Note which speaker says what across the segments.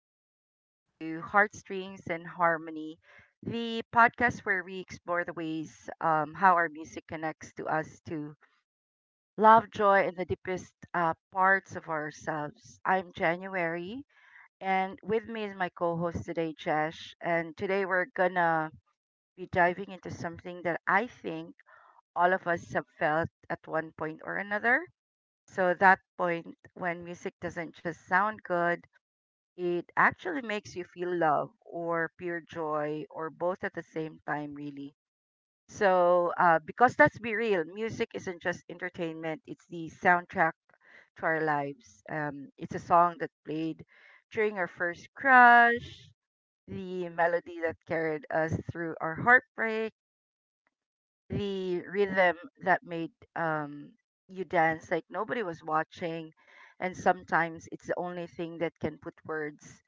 Speaker 1: welcome back to Heartstrings and Harmony, the podcast where we explore the ways how our music connects to us to love, joy, and the deepest parts of ourselves. I'm January, and with me is my co host today, Jesh. And today we're gonna be diving into something that I think all of us have felt at one point or another. So, that point when music doesn't just sound good, it actually makes you feel love or pure joy or both at the same time, really. So, because let's be real, music isn't just entertainment, it's the soundtrack to our lives. It's a song that played during our first crush, the melody that carried us through our heartbreak, the rhythm that made you dance like nobody was watching. And sometimes it's the only thing that can put words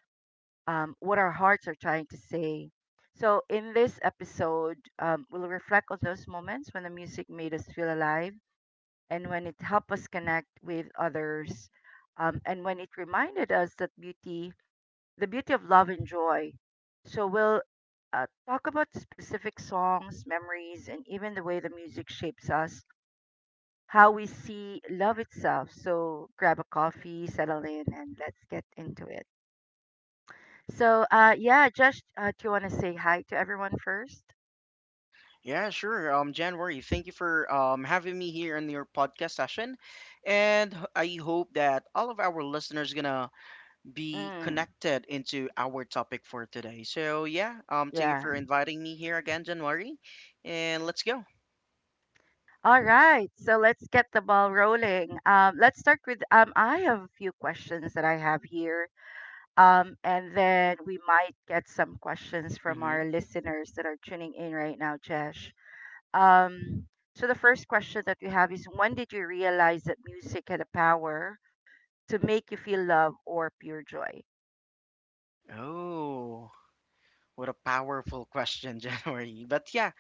Speaker 1: um, what our hearts are trying to say. So, in this episode, we'll reflect on those moments when the music made us feel alive and when it helped us connect with others, and when it reminded us that beauty, the beauty of love and joy. So, we'll talk about specific songs, memories, and even the way the music shapes us, how we see love itself. So, grab a coffee, settle in, and let's get into it. So, yeah, Josh, do you want to say hi to everyone first?
Speaker 2: Yeah, sure. January, thank you for having me here in your podcast session, and I hope that all of our listeners gonna be
Speaker 1: Mm,
Speaker 2: connected into our topic for today. So yeah, thank you
Speaker 1: yeah.
Speaker 2: for inviting me here again, January, and let's go.
Speaker 1: All right. So let's get the ball rolling. Let's start with I have a few questions that I have here. And then we might get some questions from our
Speaker 2: hmm
Speaker 1: listeners that are tuning in right now, Josh. Um, so the first question that we have is, when did you realize that music had a power to make you feel love or pure joy?
Speaker 2: Oh. What a powerful question, January. But yeah,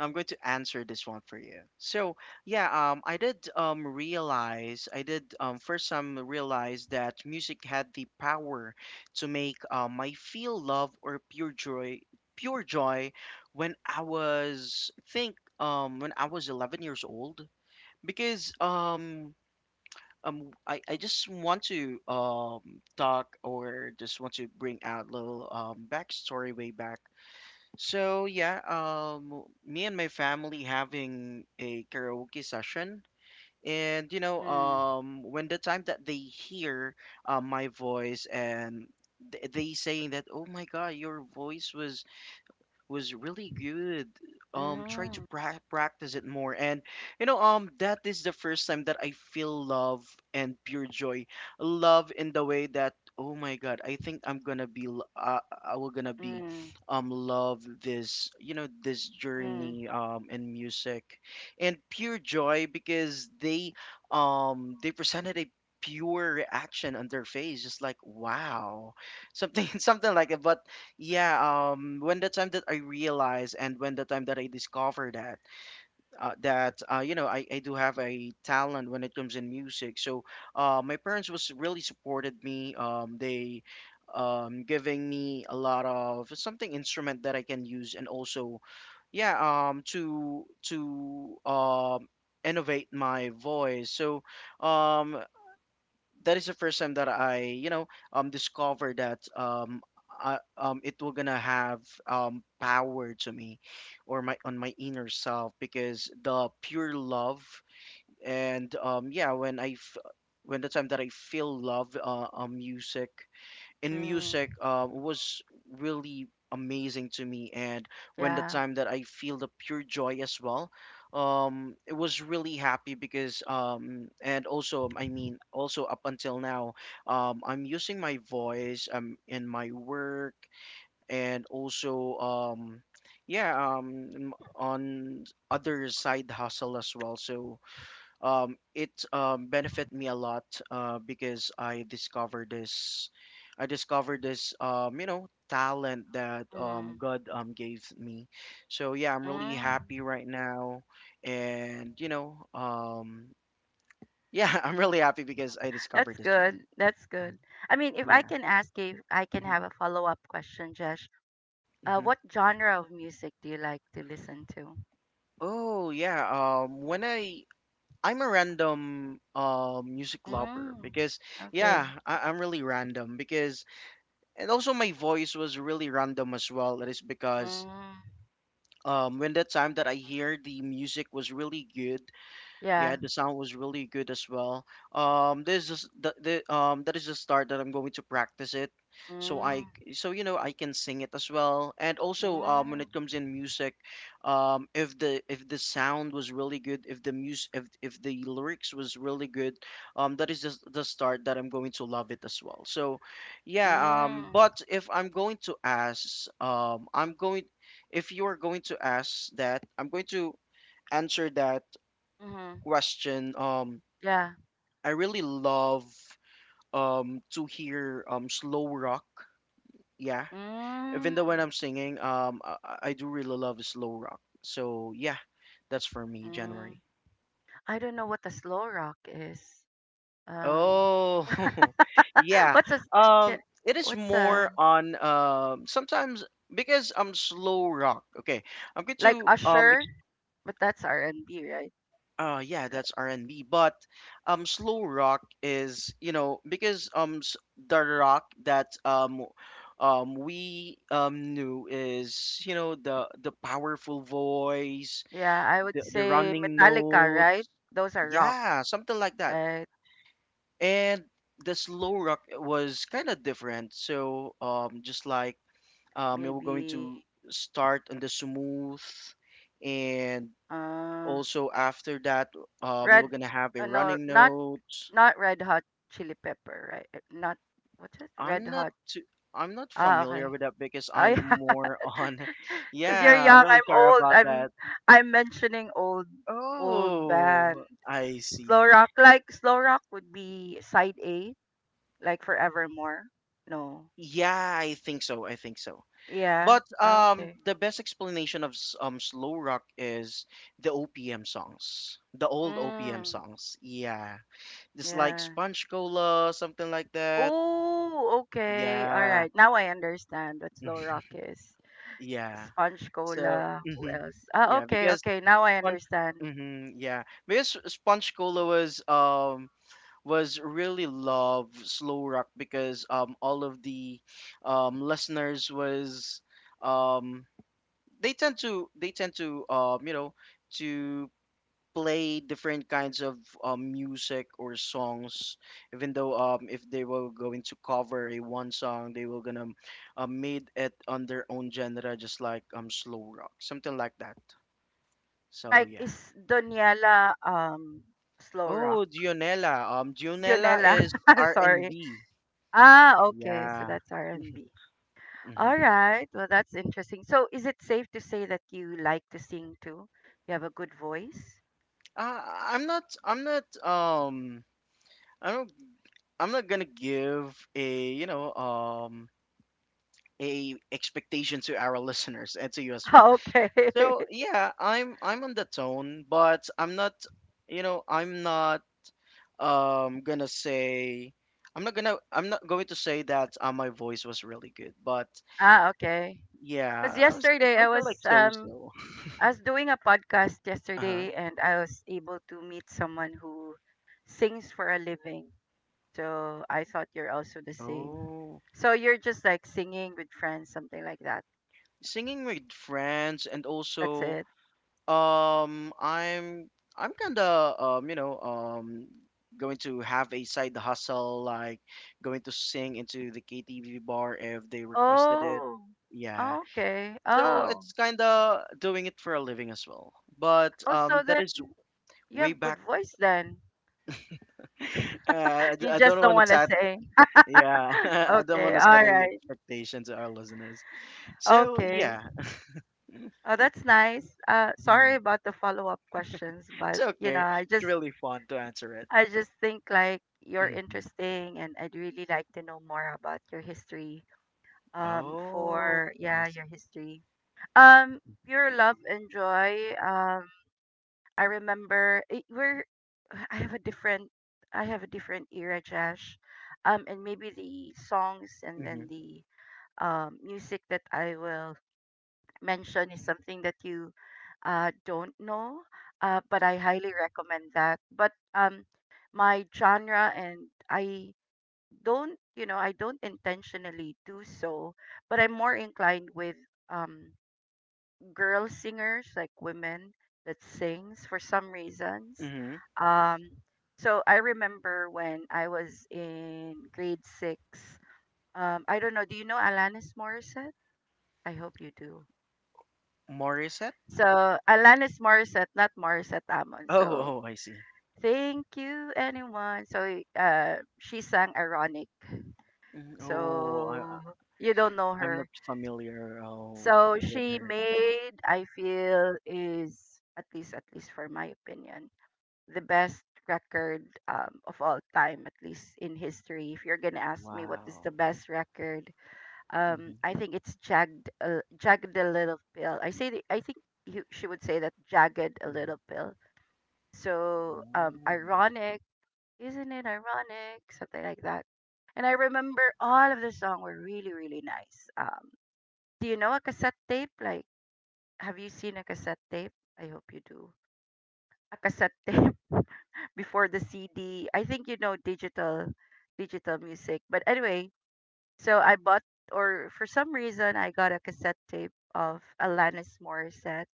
Speaker 2: I'm going to answer this one for you. So yeah, I did realize, I did first some realize that music had the power to make I feel love or pure joy, when I was think when I was 11 years old because. I just want to talk or just want to bring out a little backstory way back so yeah, me and my family having a karaoke session, and you know,
Speaker 1: Mm,
Speaker 2: when the time that they hear my voice and they saying that, oh my God, your voice was really good. Try to
Speaker 1: mm,
Speaker 2: practice it more, and you know, that is the first time that I feel love and pure joy, love in the way that oh my God, I think I'm gonna be, I will gonna be,
Speaker 1: mm,
Speaker 2: love this, you know, this
Speaker 1: mm,
Speaker 2: journey, in music, and pure joy because they presented a pure reaction on their face, just like wow something something like it but yeah, when the time that I realized and when the time that I discovered that, you know, I do have a talent when it comes in music. So, my parents was really supported me. Giving me a lot of something instrument that I can use, and also, yeah, to innovate my voice. So, um, that is the first time that I, you know, discovered that it will gonna have power to me, or my on my inner self because the pure love and yeah when when the time that I feel love music in music
Speaker 1: mm.
Speaker 2: was really amazing to me and when the
Speaker 1: Yeah.
Speaker 2: time that I feel the pure joy as well it was really happy because and also I mean also up until now I'm using my voice in my work and also on other side hustle as well so it benefited me a lot because I discovered this, you know, talent that um,
Speaker 1: Mm.
Speaker 2: God um, gave me. So yeah, I'm really
Speaker 1: Mm.
Speaker 2: happy right now, and you know, yeah, I'm really happy because I discovered
Speaker 1: That's
Speaker 2: this one.
Speaker 1: good. That's
Speaker 2: Mhm.
Speaker 1: good. I mean, if I
Speaker 2: Yeah.
Speaker 1: can ask you, if I can
Speaker 2: hmm
Speaker 1: have a follow-up question, Jesh.
Speaker 2: hmm
Speaker 1: What genre of music do you like to listen to?
Speaker 2: Oh yeah. When I I'm a random music lover
Speaker 1: Mm.
Speaker 2: because
Speaker 1: Okay.
Speaker 2: yeah, I'm really random because and also my voice was really random as well. That is because
Speaker 1: Mm.
Speaker 2: when the time that I hear the music was really good yeah,
Speaker 1: Yeah.
Speaker 2: the sound was really good as well. This is the that is the start that I'm going to practice it, so I
Speaker 1: Mm.
Speaker 2: so you know I can sing it as well. And also when
Speaker 1: Mm.
Speaker 2: it comes in music, if the sound was really good, if the mus if the lyrics was really good, that is the start that I'm going to love it as well. So, yeah.
Speaker 1: Mm.
Speaker 2: But if I'm going to ask, I'm going if you are going to ask that, I'm going to answer that
Speaker 1: Mm-hmm.
Speaker 2: question.
Speaker 1: Yeah.
Speaker 2: I really love to hear slow rock. Yeah,
Speaker 1: Mm.
Speaker 2: even though when I'm singing, I do really love slow rock. So yeah, that's for me,
Speaker 1: Mm.
Speaker 2: January.
Speaker 1: I don't know what the slow rock is. Um.
Speaker 2: Oh, yeah.
Speaker 1: what's a s-
Speaker 2: Um,
Speaker 1: ca-
Speaker 2: it is
Speaker 1: what's a,
Speaker 2: more on sometimes because I'm slow rock. Okay, I'm going
Speaker 1: like
Speaker 2: to
Speaker 1: Usher? But that's R&B.
Speaker 2: uh yeah, that's R&B, but slow rock is, you know, the rock that we knew is, you know, the powerful voice,
Speaker 1: Yeah, I would
Speaker 2: the
Speaker 1: say
Speaker 2: running
Speaker 1: Metallica, right?
Speaker 2: notes.
Speaker 1: Those are rock,
Speaker 2: Yeah, something like that.
Speaker 1: right?
Speaker 2: And the slow rock was kind of different. So just like you were going
Speaker 1: Maybe
Speaker 2: to start on the smooth and
Speaker 1: uh,
Speaker 2: also, after that, you were
Speaker 1: red,
Speaker 2: gonna have a
Speaker 1: uh, no
Speaker 2: running
Speaker 1: not
Speaker 2: note.
Speaker 1: not red hot chili pepper, right? Not, what's it? Red
Speaker 2: I'm not
Speaker 1: hot.
Speaker 2: too, I'm not
Speaker 1: Ah,
Speaker 2: familiar
Speaker 1: okay.
Speaker 2: with that because I'm
Speaker 1: I
Speaker 2: more on.
Speaker 1: cuz you're
Speaker 2: Yeah, I'm
Speaker 1: young,
Speaker 2: really
Speaker 1: I'm
Speaker 2: sorry
Speaker 1: old.
Speaker 2: about
Speaker 1: I'm
Speaker 2: that.
Speaker 1: I'm mentioning old band.
Speaker 2: Oh, I see.
Speaker 1: Slow rock, like slow rock would be side A, like Forevermore. No.
Speaker 2: Yeah, I think so. I think so.
Speaker 1: Yeah.
Speaker 2: But
Speaker 1: Ah, okay.
Speaker 2: the best explanation of slow rock is the OPM songs, the old OPM
Speaker 1: Mm,
Speaker 2: songs. Yeah, just like
Speaker 1: yeah.
Speaker 2: Sponge Cola, something like that.
Speaker 1: Oh, okay. All
Speaker 2: Yeah,
Speaker 1: right. Now I understand what Slow Rock is.
Speaker 2: yeah.
Speaker 1: Sponge
Speaker 2: So,
Speaker 1: Cola. Who else? Ah,
Speaker 2: yeah,
Speaker 1: okay,
Speaker 2: because
Speaker 1: okay. Now I
Speaker 2: sponge,
Speaker 1: understand.
Speaker 2: hmm yeah, because Sponge Cola was really love slow rock because all of the listeners was um they tend to you know to play different kinds of music or songs even though if they were going to cover a one song they were gonna made it on their own genre just like slow rock something like that so
Speaker 1: Like,
Speaker 2: yeah
Speaker 1: is Doniela Slow Rock?
Speaker 2: oh Dionella Dionella
Speaker 1: Dionela.
Speaker 2: is
Speaker 1: Sorry.
Speaker 2: R&B
Speaker 1: Ah, okay. So
Speaker 2: yeah
Speaker 1: that's R&B.
Speaker 2: hmm
Speaker 1: All right. Well, that's interesting. So is it safe to say that you like to sing too? You have a good voice?
Speaker 2: uh, I'm not I don't I'm not gonna give a you know a expectation to our listeners and to you as well.
Speaker 1: Ah, okay.
Speaker 2: So yeah, I'm on the tone, but I'm not, you know, I'm not gonna say I'm not gonna I'm not going to say that my voice was really good, but
Speaker 1: ah, okay. Because
Speaker 2: yeah,
Speaker 1: yesterday
Speaker 2: something like so-so.
Speaker 1: I was doing a podcast
Speaker 2: Uh-huh.
Speaker 1: yesterday and I was able to meet someone who sings for a living. So I thought you're also the same.
Speaker 2: Oh,
Speaker 1: So you're just like singing with friends, something like that.
Speaker 2: singing with friends and
Speaker 1: That's
Speaker 2: also
Speaker 1: it.
Speaker 2: um I'm I'm kind of you know going to have a side hustle like going to sing into the KTV bar if they requested it.
Speaker 1: Oh,
Speaker 2: Yeah.
Speaker 1: okay.
Speaker 2: So
Speaker 1: Oh,
Speaker 2: it's kind of doing it for a living as well. But
Speaker 1: oh, so
Speaker 2: that
Speaker 1: then
Speaker 2: is
Speaker 1: you
Speaker 2: way
Speaker 1: have
Speaker 2: back.
Speaker 1: good voice then. You
Speaker 2: I
Speaker 1: just
Speaker 2: don't
Speaker 1: don't
Speaker 2: want to
Speaker 1: want to
Speaker 2: set,
Speaker 1: sing.
Speaker 2: yeah, I don't want
Speaker 1: Okay,
Speaker 2: to set
Speaker 1: all
Speaker 2: any
Speaker 1: right.
Speaker 2: expectation to our listeners. So
Speaker 1: Okay.
Speaker 2: yeah,
Speaker 1: Oh, that's nice. Sorry
Speaker 2: mhm.
Speaker 1: about the follow-up questions,
Speaker 2: It's
Speaker 1: but
Speaker 2: okay. It's really fun to answer it.
Speaker 1: I just think like you're
Speaker 2: hmm
Speaker 1: interesting and I'd really like to know more about your history.
Speaker 2: Oh,
Speaker 1: For
Speaker 2: I
Speaker 1: yeah,
Speaker 2: see.
Speaker 1: your history. Um Pure love and joy. I remember it, we're I have a different I have a different era, Josh. And maybe the songs and
Speaker 2: Mm-hmm.
Speaker 1: then the music that I will mention is something that you don't know. But I highly recommend that. But my genre, and I don't, I don't intentionally do so, but I'm more inclined with um girl singers, like women that sings for some reasons,
Speaker 2: Mm-hmm.
Speaker 1: um so I remember when I was in grade six, I don't know, do you know alanis morissette? I hope you do.
Speaker 2: Morissette?
Speaker 1: So alanis morissette, not morissette amon.
Speaker 2: Oh,
Speaker 1: So
Speaker 2: oh, I see.
Speaker 1: thank you anyone. So she sang ironic.
Speaker 2: Mhm. Oh,
Speaker 1: So you don't know
Speaker 2: I'm not
Speaker 1: her.
Speaker 2: familiar oh,
Speaker 1: So
Speaker 2: with
Speaker 1: she
Speaker 2: her.
Speaker 1: made, I feel, is at least, at least for my opinion, the best record of all time, at least in history. If you're gonna ask me what is
Speaker 2: Wow.
Speaker 1: the best record,
Speaker 2: Mm-hmm.
Speaker 1: I think it's jagged, jagged a little pill. I say the, I think you, she would say that jagged a
Speaker 2: Mm-hmm.
Speaker 1: little pill. So
Speaker 2: Oh.
Speaker 1: ironic, isn't it ironic? Something like that. And I remember all of the song were really nice. Do you know a cassette tape, like? Have you seen a cassette tape? I hope you do. A cassette tape, before the CD. I think you know digital music. But anyway, so I bought, or for some reason I got a cassette tape of Alanis Morissette,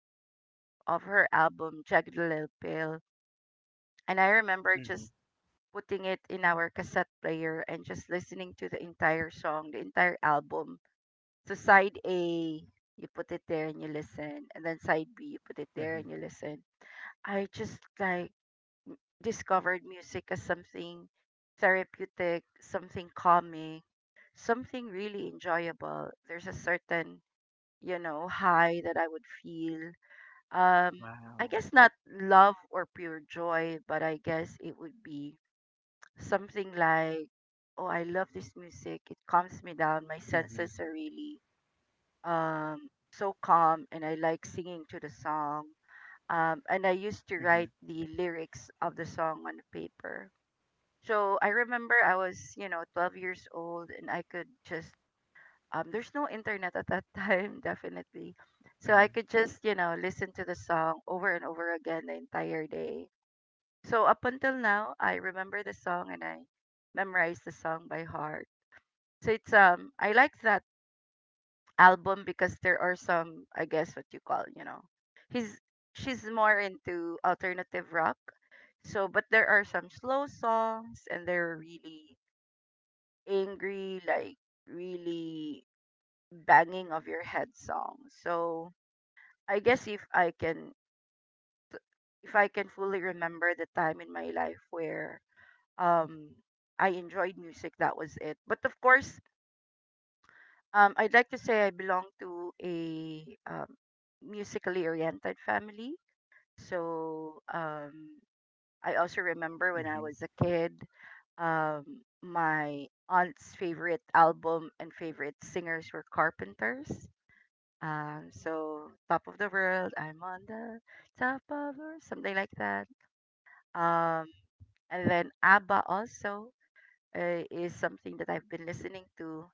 Speaker 1: of her album Jagged Little Pill. And I remember
Speaker 2: Mm-hmm.
Speaker 1: just putting it in our cassette player and just listening to the entire song, the entire album. So side A, you put it there and you listen, and then side B, you put it there and you listen. I just like discovered music as something therapeutic, something calming, something really enjoyable. There's a certain, you know, high that I would feel. Um, I
Speaker 2: Wow.
Speaker 1: guess not love or pure joy, but I guess it would be something like, oh, I love this music. It calms me down. My
Speaker 2: Mhm,
Speaker 1: senses are really um, so calm, and I like singing to the song. And I used to
Speaker 2: mhm,
Speaker 1: write the lyrics of the song on paper, so I remember I was, you know, 12 years old and I could just, there's no internet at that time definitely. So
Speaker 2: mhm,
Speaker 1: I could just, you know, listen to the song over and over again the entire day. So up until now, I remember the song and I memorize the song by heart. So it's I like that album because there are some, I guess what you call, you know. He's she's more into alternative rock. So but there are some slow songs and they're really angry, like really banging of your head song. So I guess if I can, if I can fully remember the time in my life where um I enjoyed music, that was it. But of course, I'd like to say I belong to a musically oriented family. So I also remember when I
Speaker 2: mhm,
Speaker 1: was a kid, my aunt's favorite album and favorite singers were Carpenters. So top of the world, I'm on the top of the world, something like that. Um, and then ABBA also is something that I've been listening to.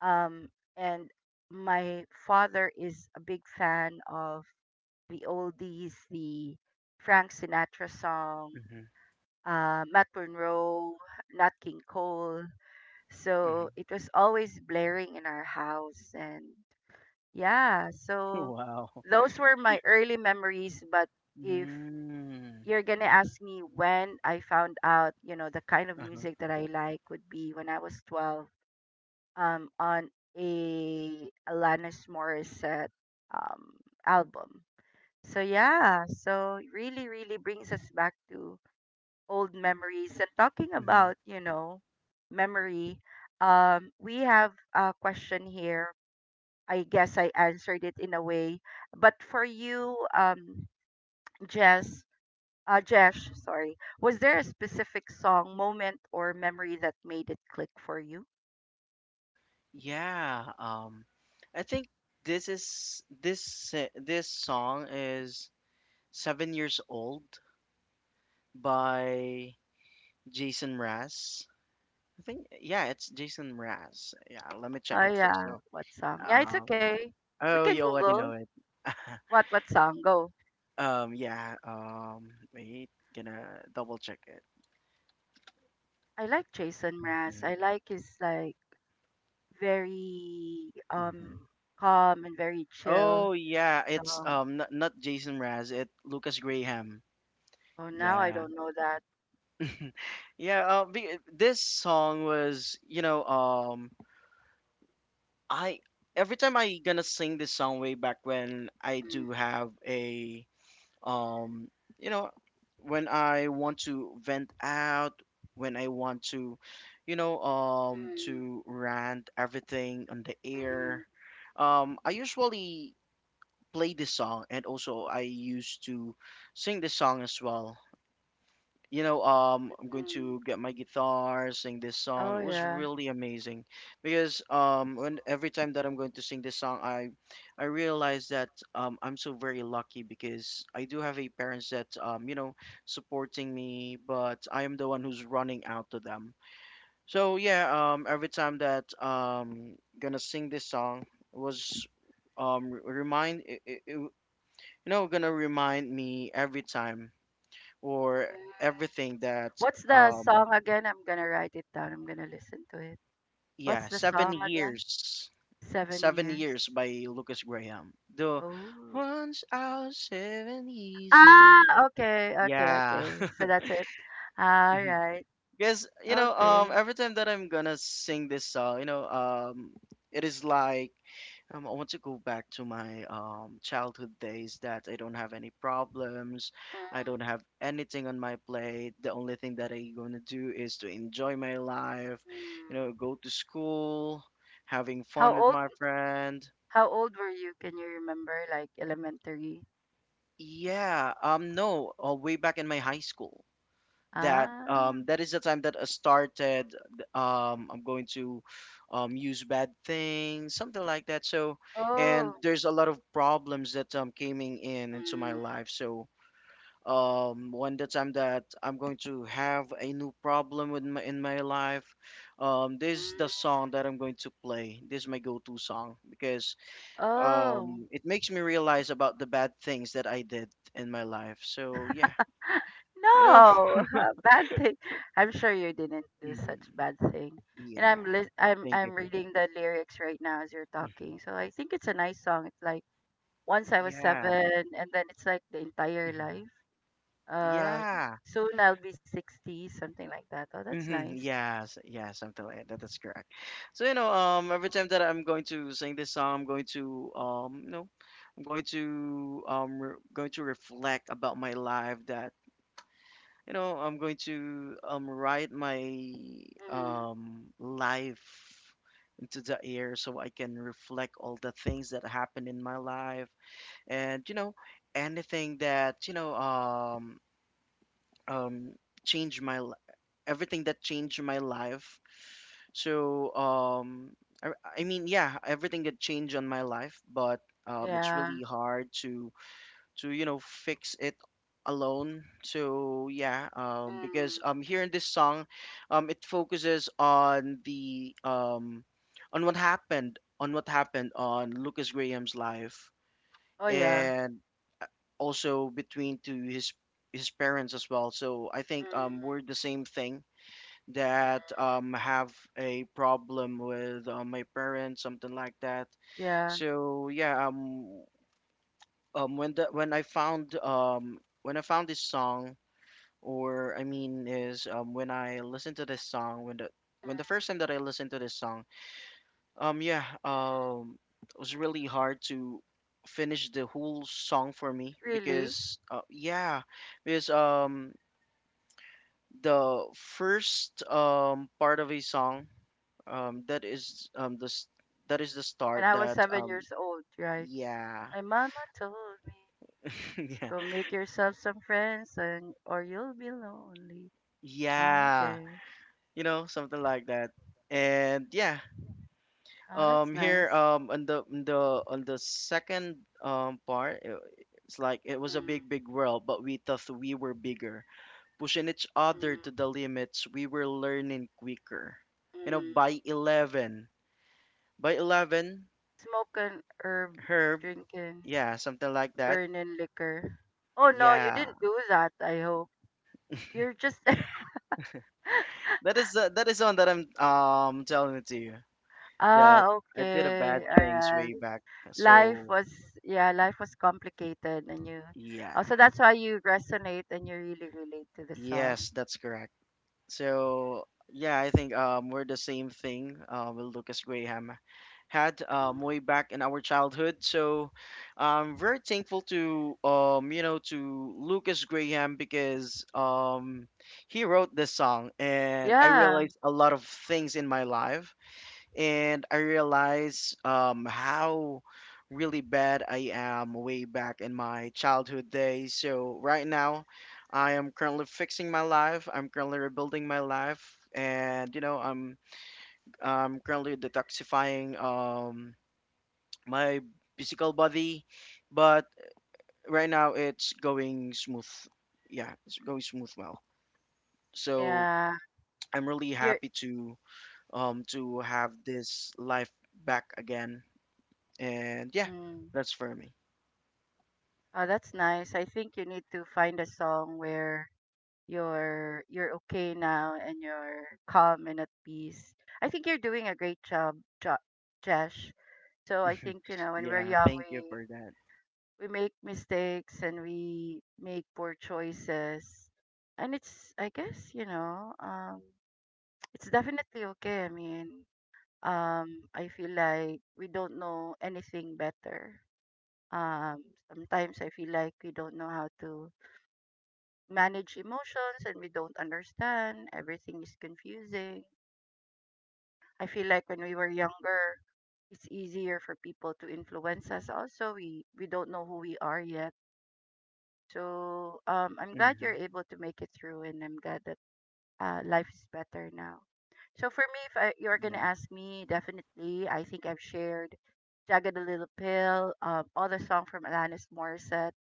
Speaker 1: Um, and my father is a big fan of the oldies, the Frank Sinatra song,
Speaker 2: mhm,
Speaker 1: Matt Monroe, Nat King Cole. So
Speaker 2: mhm.
Speaker 1: it was always blaring in our house, and, yeah, so
Speaker 2: Wow.
Speaker 1: those were my early memories. But if
Speaker 2: Mm.
Speaker 1: you're gonna ask me when I found out, you know, the kind of
Speaker 2: Uh-huh.
Speaker 1: music that I like would be when I was 12, on a Alanis Morissette um, album. So yeah, so really, really brings us back to old memories. And talking
Speaker 2: Mhm.
Speaker 1: about, you know, memory, we have a question here, I guess I answered it in a way. But for you, Jess, Jesh, sorry, was there a specific song, moment, or memory that made it click for you?
Speaker 2: Yeah. I think this song is 7 years old by Jason Mraz. I think yeah, it's Jason Mraz. Yeah, let me check
Speaker 1: Oh
Speaker 2: it first.
Speaker 1: yeah,
Speaker 2: So,
Speaker 1: what song? Yeah, it's
Speaker 2: um,
Speaker 1: okay. We
Speaker 2: oh,
Speaker 1: can
Speaker 2: you already
Speaker 1: Google
Speaker 2: know it.
Speaker 1: what song. Go.
Speaker 2: Yeah. Wait, gonna double check it.
Speaker 1: I like Jason Mraz. I like his like very
Speaker 2: hmm
Speaker 1: calm and very chill
Speaker 2: Oh yeah, it's
Speaker 1: song.
Speaker 2: not, not Jason Mraz, it Lucas Graham.
Speaker 1: Oh, now I
Speaker 2: Yeah.
Speaker 1: don't know that.
Speaker 2: Yeah, this song was, you know, I every time I gonna sing this song way back when I
Speaker 1: Mm,
Speaker 2: do have a, um, you know, when I want to vent out, when I want to, you know,
Speaker 1: mm,
Speaker 2: to rant everything on the air,
Speaker 1: mm,
Speaker 2: I usually play this song and also I used to sing this song as well. You know, I'm going
Speaker 1: mm.
Speaker 2: to get my guitar, sing this song.
Speaker 1: Oh
Speaker 2: It was
Speaker 1: yeah.
Speaker 2: really amazing because when every time that I'm going to sing this song, I realize that I'm so very lucky because I do have a parents that you know supporting me, but I am the one who's running out to them. So yeah, every time that gonna sing this song was remind it. You know, gonna remind me every time or everything that,
Speaker 1: What's the
Speaker 2: um,
Speaker 1: song again? I'm gonna write it down. I'm gonna listen to it. What's
Speaker 2: yeah,
Speaker 1: the song again? Seven
Speaker 2: seven
Speaker 1: years.
Speaker 2: years by Lucas Graham. The
Speaker 1: Oh.
Speaker 2: once I was 7 years old.
Speaker 1: Ah, okay, okay,
Speaker 2: Yeah,
Speaker 1: okay. So that's it. All
Speaker 2: mhm.
Speaker 1: right.
Speaker 2: Because you know,
Speaker 1: Okay.
Speaker 2: every time that I'm gonna sing this song, you know, it is like I want to go back to my childhood days that I don't have any problems. I
Speaker 1: Mm,
Speaker 2: don't have anything on my plate. The only thing that I am gonna do is to enjoy my life, you know,
Speaker 1: mm.
Speaker 2: go to school, having fun
Speaker 1: How
Speaker 2: with
Speaker 1: old
Speaker 2: my friend.
Speaker 1: how old were you? Can you remember, like elementary?
Speaker 2: Yeah, no, all way back in my high school. That
Speaker 1: Ah.
Speaker 2: that is the time that I started. I'm going to use bad things, something like that. So, and
Speaker 1: Oh.
Speaker 2: there's a lot of problems that coming in into my
Speaker 1: Mm,
Speaker 2: life. So, one the time that I'm going to have a new problem with my, in my life, this is the
Speaker 1: mm.
Speaker 2: song that I'm going to play. This is my go-to song because
Speaker 1: Oh.
Speaker 2: it makes me realize about the bad things that I did in my life. So, yeah, you know.
Speaker 1: No, a bad thing. I'm sure you didn't do such bad thing. And
Speaker 2: Yeah.
Speaker 1: I'm
Speaker 2: Thank you
Speaker 1: I'm
Speaker 2: for that.
Speaker 1: reading the lyrics right now as you're
Speaker 2: Mhm.
Speaker 1: talking. So I think it's a nice song. It's like, once I was
Speaker 2: Yeah.
Speaker 1: seven, and then it's like the entire
Speaker 2: Mhm.
Speaker 1: life. Uh,
Speaker 2: Yeah.
Speaker 1: soon I'll be 60, something like that. Oh, that's
Speaker 2: Mm-hmm.
Speaker 1: nice.
Speaker 2: Yes. Yeah. Something like that. That's correct. So you know, every time that I'm going to sing this song, I'm going to, you know, I'm going to, going to reflect about my life. I'm going to, write my,
Speaker 1: Mm,
Speaker 2: life into the air so I can reflect all the things that happened in my life, and anything that um changed my everything that changed my life. so um I, I mean, yeah, everything that changed on my life, but it's
Speaker 1: yeah.
Speaker 2: really hard to fix it alone. So, yeah, because
Speaker 1: Mm,
Speaker 2: here in this song, it focuses on the on what happened on Lucas Graham's life,
Speaker 1: oh yeah.
Speaker 2: and also between to his parents as well. So I think
Speaker 1: Mm,
Speaker 2: we're the same thing that have a problem with my parents, something like that.
Speaker 1: yeah.
Speaker 2: So when the when I found this song, or I mean, is when I listened to this song, when the first time that I listened to this song. Yeah, it was really hard to finish the whole song for me
Speaker 1: Really?
Speaker 2: because, yeah, because the first part of a song that is that is the
Speaker 1: When
Speaker 2: start
Speaker 1: I was
Speaker 2: that
Speaker 1: seven years old, right?
Speaker 2: yeah.
Speaker 1: My mama told me,
Speaker 2: Yeah,
Speaker 1: go make yourself some friends and or you'll be lonely. Ah,
Speaker 2: yeah,
Speaker 1: okay.
Speaker 2: you know, something like that. And yeah,
Speaker 1: Oh, that's
Speaker 2: here,
Speaker 1: nice.
Speaker 2: on the second part, it's like it was a
Speaker 1: Mm,
Speaker 2: big big world, but we thought we were bigger, pushing each other to
Speaker 1: mm,
Speaker 2: the limits, we were learning quicker. You know,
Speaker 1: mm.
Speaker 2: by 11, by 11,
Speaker 1: Smoking herb,
Speaker 2: Herb,
Speaker 1: drinking,
Speaker 2: yeah, something like that.
Speaker 1: burning liquor. Oh no, you
Speaker 2: Yeah,
Speaker 1: didn't do that, I hope. You're just
Speaker 2: that is one that I'm telling it to you, that
Speaker 1: Ah,
Speaker 2: I did a bad
Speaker 1: okay. All
Speaker 2: things way
Speaker 1: right.
Speaker 2: back.
Speaker 1: Life
Speaker 2: So
Speaker 1: was yeah, life was complicated and you,
Speaker 2: yeah,
Speaker 1: oh, so that's why you resonate and you really relate to the song.
Speaker 2: yes, that's correct. So yeah, I think we're the same thing with Lucas Graham had
Speaker 1: Mm.
Speaker 2: way back in our childhood. So I'm very thankful to, you know, to Lucas Graham, because he wrote this song and I
Speaker 1: Yeah.
Speaker 2: realized a lot of things in my life, and I realized how really bad I am way back in my childhood days. So right now, I am currently fixing my life. I'm currently rebuilding my life, and you know, I'm currently detoxifying my physical body, but right now it's going smooth. Yeah, it's going smooth well. So
Speaker 1: Yeah.
Speaker 2: I'm really
Speaker 1: You're
Speaker 2: happy to have this life back again. And yeah,
Speaker 1: mm.
Speaker 2: that's for me.
Speaker 1: Oh, that's nice. I think you need to find a song where you're okay now and you're calm and at peace. I think you're doing a great job, jo Josh. So I think, you know, when we're
Speaker 2: Yeah,
Speaker 1: young,
Speaker 2: thank you
Speaker 1: we
Speaker 2: for that.
Speaker 1: we make mistakes and we make poor choices. And it's, I guess, it's definitely okay. I mean, I feel like we don't know anything better. Um, Sometimes I feel like we don't know how to manage emotions and we don't understand. Everything is confusing. I feel like when we were younger, it's easier for people to influence us. Also, we don't know who we are yet. So I'm glad you're
Speaker 2: Hmm.
Speaker 1: able to make it through, and I'm glad that life is better now. So for me, if I, you're gonna
Speaker 2: Yeah.
Speaker 1: ask me, definitely, I think I've shared "Jagged the Little Pill," all the song from Alanis Morissette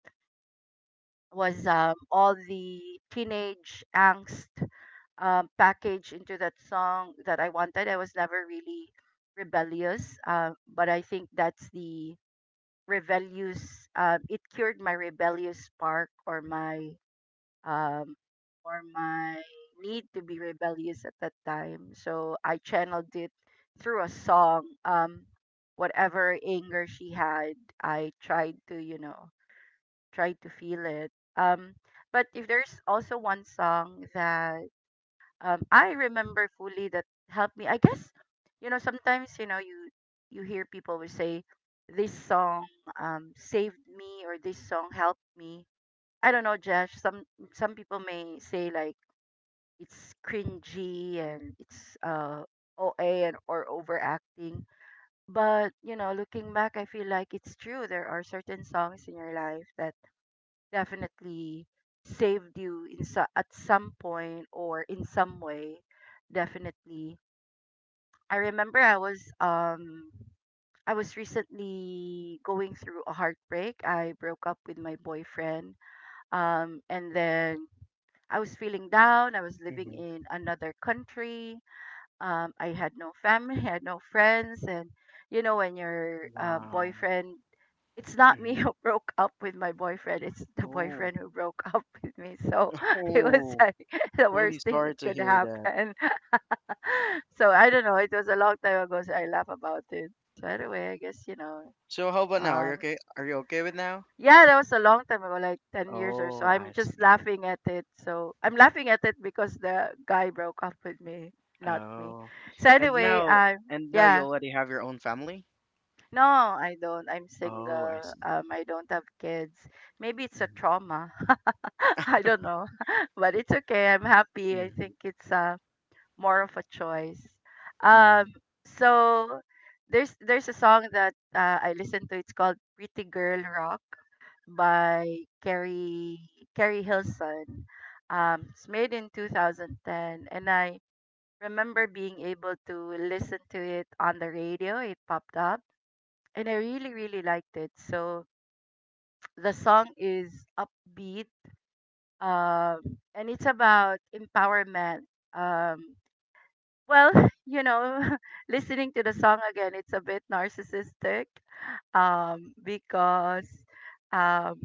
Speaker 1: was all the teenage angst packaged into that song that I wanted. I was never really rebellious, but I think that's the rebellious. It cured my rebellious spark um, or my need to be rebellious at that time. So I channeled it through a song. Whatever anger she had, I tried to tried to feel it. Um, but if there's also one song that I remember fully that helped me. I guess sometimes you hear people will say this song saved me or this song helped me. I don't know, Josh. Some people may say like it's cringy and it's OA and or overacting. But you know, looking back, I feel like it's true. There are certain songs in your life that definitely saved you at some point or in some way definitely. I remember I was I was recently going through a heartbreak. I broke up with my boyfriend, and then I was feeling down. I was living
Speaker 2: Hmm.
Speaker 1: in another country, I had no family I had no friends. And you know when your
Speaker 2: Wow.
Speaker 1: boyfriend, it's not me
Speaker 2: Hmm.
Speaker 1: who broke up with my boyfriend. It's the
Speaker 2: Oh.
Speaker 1: boyfriend who broke up with me. So it was
Speaker 2: Oh.
Speaker 1: like the worst
Speaker 2: Really
Speaker 1: thing that
Speaker 2: sorry to
Speaker 1: could
Speaker 2: hear that.
Speaker 1: happen. So I don't know. It was a long time ago, so I laugh about it. So anyway, I guess you know.
Speaker 2: So how about now? Are you
Speaker 1: Um,
Speaker 2: okay? Are you okay with now?
Speaker 1: yeah, that was a long time ago, like 10 years or so.
Speaker 2: Oh,
Speaker 1: I'm
Speaker 2: I
Speaker 1: just
Speaker 2: see.
Speaker 1: laughing at it. So I'm laughing at it because the guy broke up with me, not me.
Speaker 2: Oh.
Speaker 1: So
Speaker 2: And
Speaker 1: anyway,
Speaker 2: now and now you
Speaker 1: yeah.
Speaker 2: already have your own family?
Speaker 1: No, I don't. I'm
Speaker 2: Oh, I
Speaker 1: single.
Speaker 2: see.
Speaker 1: I don't have kids. Maybe it's a
Speaker 2: Mm-hmm.
Speaker 1: trauma. I don't know, but it's okay. I'm happy. I
Speaker 2: Mm-hmm.
Speaker 1: think it's more of a choice. Um, so there's a song that I listen to. It's called "Pretty Girl Rock" by Carrie Hilson. It's made in 2010, and I remember being able to listen to it on the radio. It popped up and I really liked it. So the song is upbeat, and it's about empowerment. Um, well, you know, listening to the song again, it's a bit narcissistic, because, um,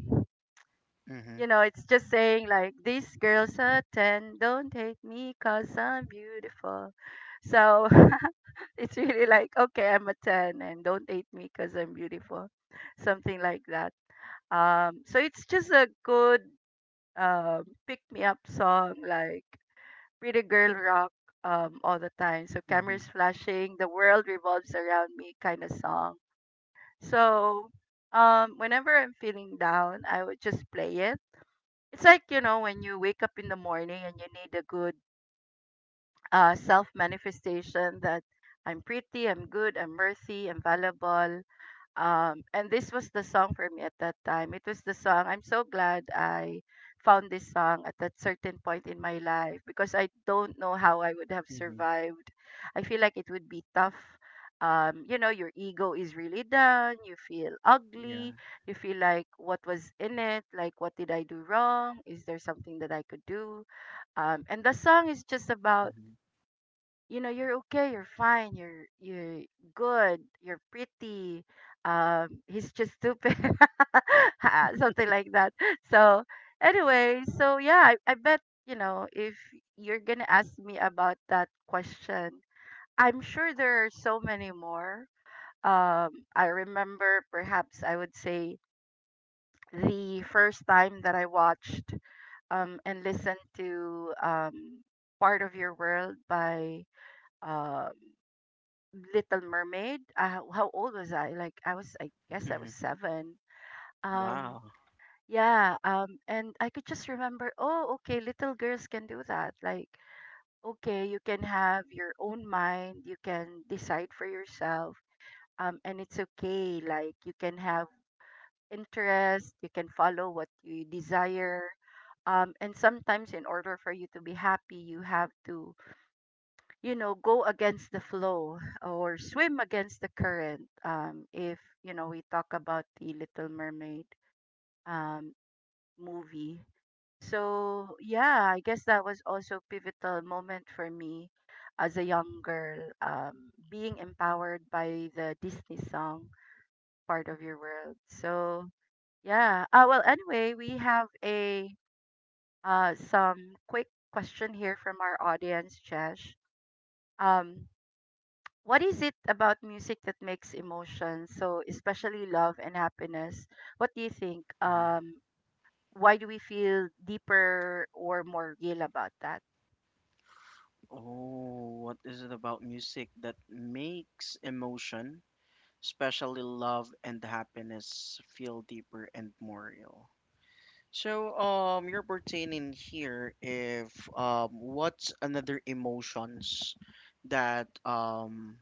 Speaker 2: Mm-hmm.
Speaker 1: you know, it's just saying like these girls are ten, don't hate me 'cause I'm beautiful. So it's really like okay, I'm a ten, and don't hate me 'cause I'm beautiful, something like that. So it's just a good pick me up song, like pretty girl rock all the time. So cameras
Speaker 2: Mm-hmm.
Speaker 1: flashing, the world revolves around me kind of song. So whenever I'm feeling down, I would just play it. It's like, you know, when you wake up in the morning and you need a good self manifestation that I'm pretty, I'm good, I'm worthy, I'm valuable. And this was the song for me at that time. It was the song. I'm so glad I found this song at that certain point in my life because I don't know how I would have
Speaker 2: Mm-hmm.
Speaker 1: survived. I feel like it would be tough. You know, your ego is really down. You feel ugly.
Speaker 2: Yeah.
Speaker 1: You feel like what was in it? Like, what did I do wrong? Is there something that I could do? And the song is just about
Speaker 2: Mm-hmm.
Speaker 1: you know you're okay, you're fine, you're good, you're pretty, he's just stupid. Ah, something like that. So anyway, so yeah, I bet you know if you're gonna ask me about that question, I'm sure there are so many more. um I remember, perhaps I would say the first time that I watched and listened to "Part of Your World" by um Little Mermaid. How old was I? I guess I
Speaker 2: Mm-hmm.
Speaker 1: was seven. Um,
Speaker 2: Wow.
Speaker 1: yeah. And I could just remember, oh, okay, little girls can do that. Like, okay, you can have your own mind. You can decide for yourself. And it's okay. Like you can have interest. You can follow what you desire. And sometimes in order for you to be happy, you have to go against the flow or swim against the current, if you know, we talk about the Little Mermaid um movie. So yeah, I guess that was also pivotal moment for me as a young girl, being empowered by the Disney song "Part of Your World." So yeah, well, anyway, we have a some quick question here from our audience, Chesh. um What is it about music that makes emotions, so especially love and happiness? What do you think?
Speaker 2: Mm-hmm.
Speaker 1: Why do we feel deeper or more real about that?
Speaker 2: Oh, what is it about music that makes emotion, especially love and happiness, feel deeper and more real? So, you're pertaining here if, what's another emotions that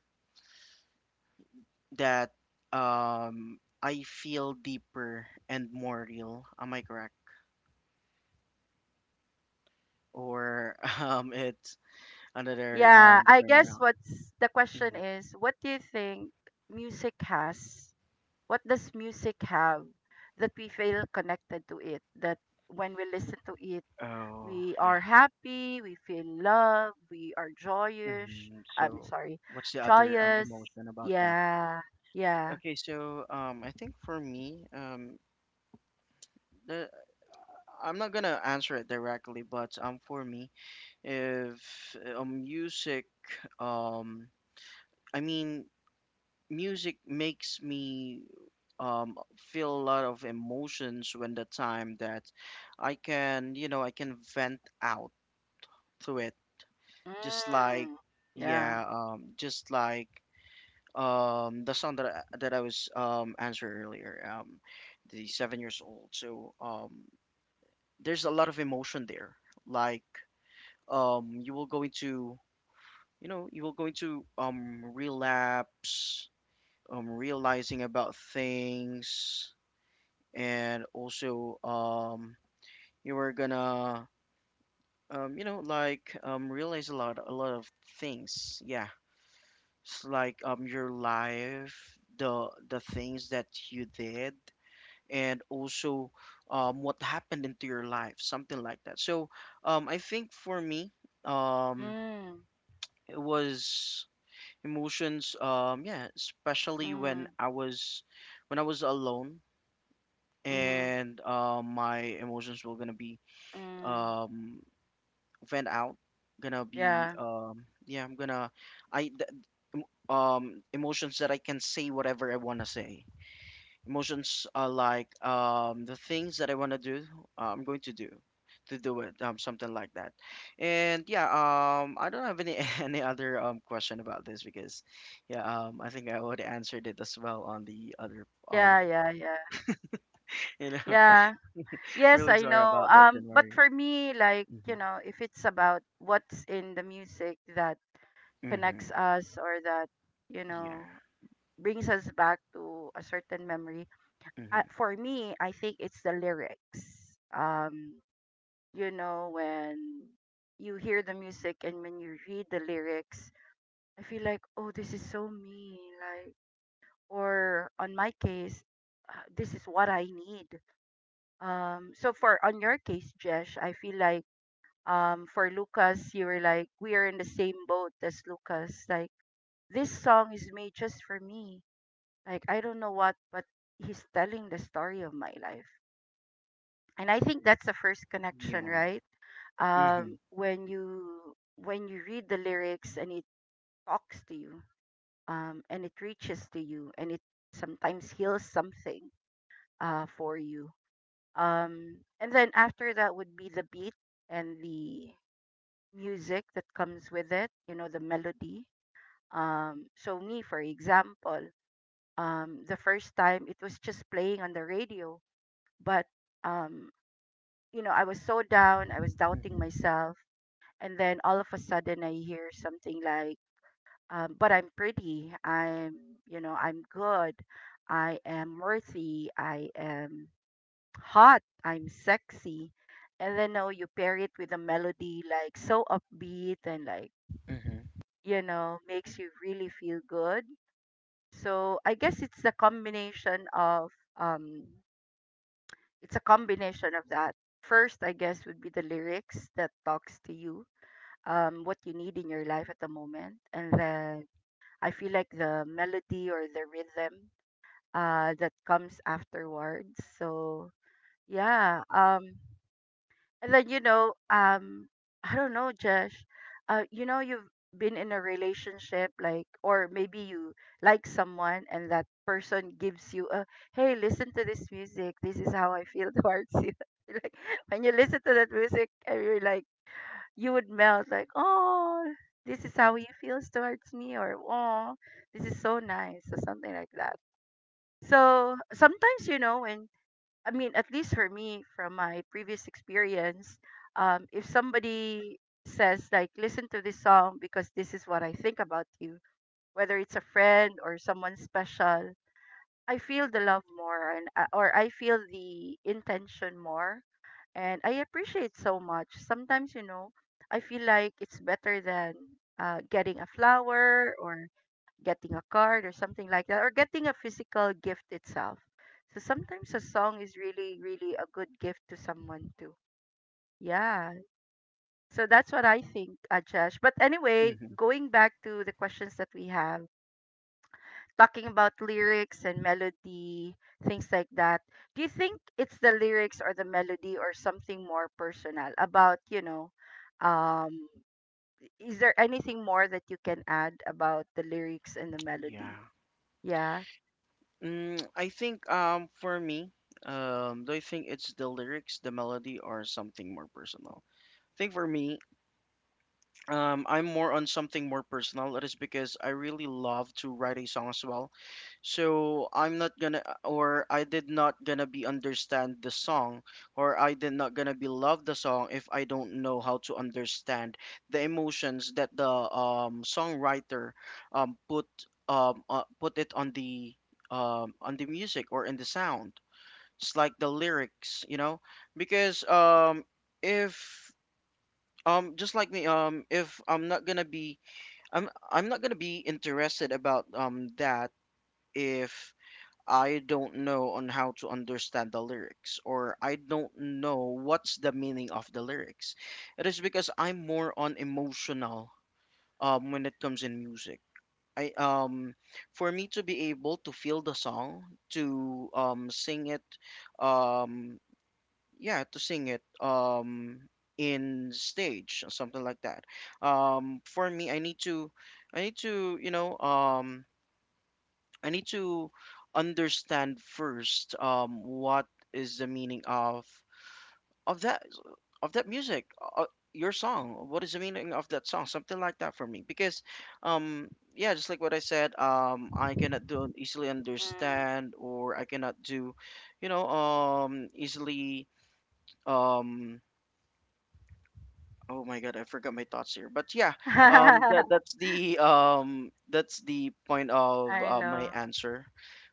Speaker 2: that um I feel deeper and more real? Am I correct? Or it's another
Speaker 1: Yeah, I guess
Speaker 2: turnaround?
Speaker 1: what's the question
Speaker 2: Mhm.
Speaker 1: is, what do you think music has? What does music have that we feel connected to it? That when we listen to it,
Speaker 2: Oh,
Speaker 1: we
Speaker 2: yeah.
Speaker 1: are happy, we feel love, we are joyous.
Speaker 2: Hmm.
Speaker 1: I'm
Speaker 2: So,
Speaker 1: sorry,
Speaker 2: what's the other
Speaker 1: joyous.
Speaker 2: emotion about that?
Speaker 1: Yeah, yeah.
Speaker 2: Okay, so I think for me, the I'm not gonna answer it directly, but for me, if, music, um, I mean, music makes me feel a lot of emotions when the time that I can, you know, I can vent out through it, just like,
Speaker 1: Mm. Yeah.
Speaker 2: yeah, just like the song that that I was answered earlier, the 7 years old. So there's a lot of emotion there, like um you will go into you know, you will go into relapse, realizing about things, and also you were gonna you know, like realize a lot of things. Yeah, it's like your life, the things that you did, and also what happened into your life, something like that. So I think for me, um,
Speaker 1: Mm.
Speaker 2: it was emotions. Yeah, especially
Speaker 1: Mm.
Speaker 2: when I was alone,
Speaker 1: Mhm.
Speaker 2: and my emotions were gonna be
Speaker 1: Mm.
Speaker 2: um, vent out, gonna be
Speaker 1: Yeah.
Speaker 2: yeah, I th- emotions that I can say whatever I want to say. Emotions are like the things that I want to do, I'm going to do it, something like that. And yeah, I don't have any any other question about this because, yeah, I think I already answered it as well on the other
Speaker 1: Yeah, yeah, yeah.
Speaker 2: you know,
Speaker 1: Yeah. Yes,
Speaker 2: really
Speaker 1: I
Speaker 2: sorry
Speaker 1: know.
Speaker 2: about that,
Speaker 1: But
Speaker 2: January.
Speaker 1: for me, like,
Speaker 2: Mhm.
Speaker 1: you know, if it's about what's in the music that connects
Speaker 2: Mhm.
Speaker 1: us or that, you
Speaker 2: Yeah.
Speaker 1: know, brings us back to a certain memory,
Speaker 2: Mhm.
Speaker 1: for me, I think it's the lyrics. You know, when you hear the music and when you read the lyrics, I feel like, oh, this is so me. Like, or on my case, this is what I need. So for on your case, Jesh, I feel like for Lucas, you were like, we are in the same boat as Lucas. Like, this song is made just for me. Like, I don't know what, but he's telling the story of my life, and I think that's the first connection,
Speaker 2: Yeah.
Speaker 1: right?
Speaker 2: Mhm.
Speaker 1: When you read the lyrics and it talks to you, and it reaches to you and it sometimes heals something for you. And then after that would be the beat and the music that comes with it, you know, the melody. So, me, for example, the first time it was just playing on the radio, but, um, you know, I was so down, I was doubting
Speaker 2: Mhm.
Speaker 1: myself. And then all of a sudden, I hear something like, but I'm pretty. I'm, you know, I'm good. I am worthy. I am hot. I'm sexy. And then now you pair it with a melody like so upbeat and like,
Speaker 2: Mhm.
Speaker 1: you know, makes you really feel good. So I guess it's the combination of, um, it's a combination of that. First, I guess, would be the lyrics that talks to you, what you need in your life at the moment. And then I feel like the melody or the rhythm that comes afterwards. So yeah, and then you know, I don't know, Josh. You know, you've been in a relationship like, or maybe you like someone and that person gives you a, hey, listen to this music. This is how I feel towards you. Like when you listen to that music and you're like, you would melt like, "Oh, this is how he feels towards me," or "Oh, this is so nice," or something like that. So sometimes, you know, when I mean, at least for me, from my previous experience, if somebody says like, "Listen to this song because this is what I think about you," whether it's a friend or someone special, I feel the love more, and or I feel the intention more, and I appreciate so much. Sometimes, you know, I feel like it's better than getting a flower or getting a card or something like that, or getting a physical gift itself. So sometimes a song is really, really a good gift to someone too. Yeah. So that's what I think, Ajash. But anyway,
Speaker 2: Mhm.
Speaker 1: going back to the questions that we have, talking about lyrics and melody, things like that. Do you think it's the lyrics or the melody or something more personal about, um is there anything more that you can add about the lyrics and the melody?
Speaker 2: Yeah.
Speaker 1: Yeah.
Speaker 2: Mm, I think for me, do I think it's the lyrics, the melody, or something more personal? I think for me, I'm more on something more personal. That is because I really love to write a song as well. So I'm not gonna, or I did not gonna be understand the song, or I did not gonna be love the song if I don't know how to understand the emotions that the songwriter um put put it on the music or in the sound. It's like the lyrics, you know, because if, just like me, if I'm not gonna be, I'm not gonna be interested about that if I don't know on how to understand the lyrics, or I don't know what's the meaning of the lyrics. It is because I'm more on emotional when it comes in music. I for me to be able to feel the song, to sing it, um yeah, to sing it in stage or something like that, for me I need to, you know, I need to understand first what is the meaning of of that of that music, uh, your song, what is the meaning of that song, something like that for me, because um yeah, just like what I said, I cannot do easily understand, or I cannot do, you know, easily um oh my God, I forgot my thoughts here. But yeah, that that's the point of
Speaker 1: I
Speaker 2: my
Speaker 1: know.
Speaker 2: answer,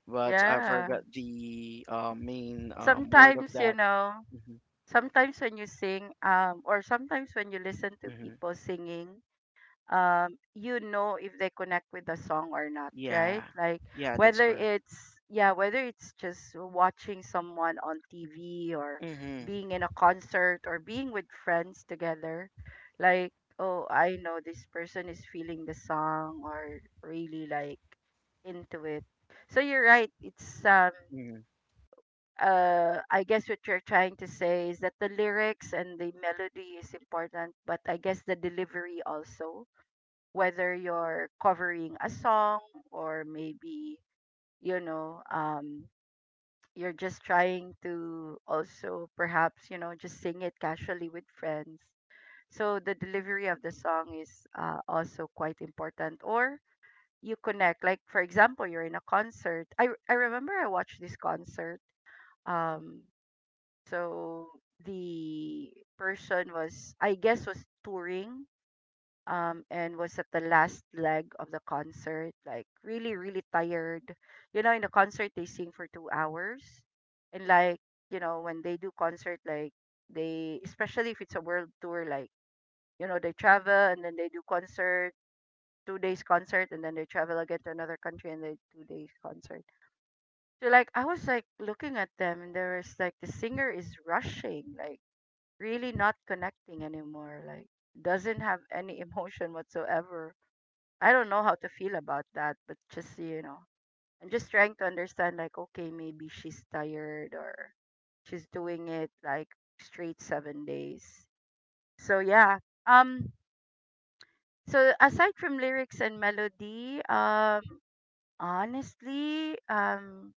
Speaker 2: but I
Speaker 1: Yeah.
Speaker 2: forgot the main word of
Speaker 1: Sometimes, you
Speaker 2: that.
Speaker 1: know,
Speaker 2: Hmm.
Speaker 1: sometimes when you sing, or sometimes when you listen to
Speaker 2: Hmm.
Speaker 1: people singing, you know if they connect with the song or not,
Speaker 2: Yeah,
Speaker 1: right? Like
Speaker 2: yeah, that's
Speaker 1: whether
Speaker 2: correct.
Speaker 1: it's, yeah, whether it's just watching someone on TV or
Speaker 2: Mm-hmm,
Speaker 1: being in a concert or being with friends together, like, oh, I know this person is feeling the song or really, like, into it. So you're right. it's
Speaker 2: mm-hmm.
Speaker 1: I guess what you're trying to say is that the lyrics and the melody is important, but I guess the delivery also, whether you're covering a song or maybe, you know, you're just trying to also perhaps, you know, just sing it casually with friends. So the delivery of the song is, also quite important. Or you connect, like, for example, you're in a concert. I remember I watched this concert. um, so the person was, I guess, was touring, and was at the last leg of the concert, like really, really tired. You know, in the concert they sing for 2 hours, and like, you know, when they do concert, like, they, especially if it's a world tour, like, you know, they travel and then they do concert, 2 days concert, and then they travel again to another country and they 2 days concert. So like, I was like looking at them and there was like the singer is rushing, like really not connecting anymore, like doesn't have any emotion whatsoever. I don't know how to feel about that, but just, you know, I'm just trying to understand like, okay, maybe she's tired or she's doing it like straight 7 days. So yeah. Um so aside from lyrics and melody, honestly,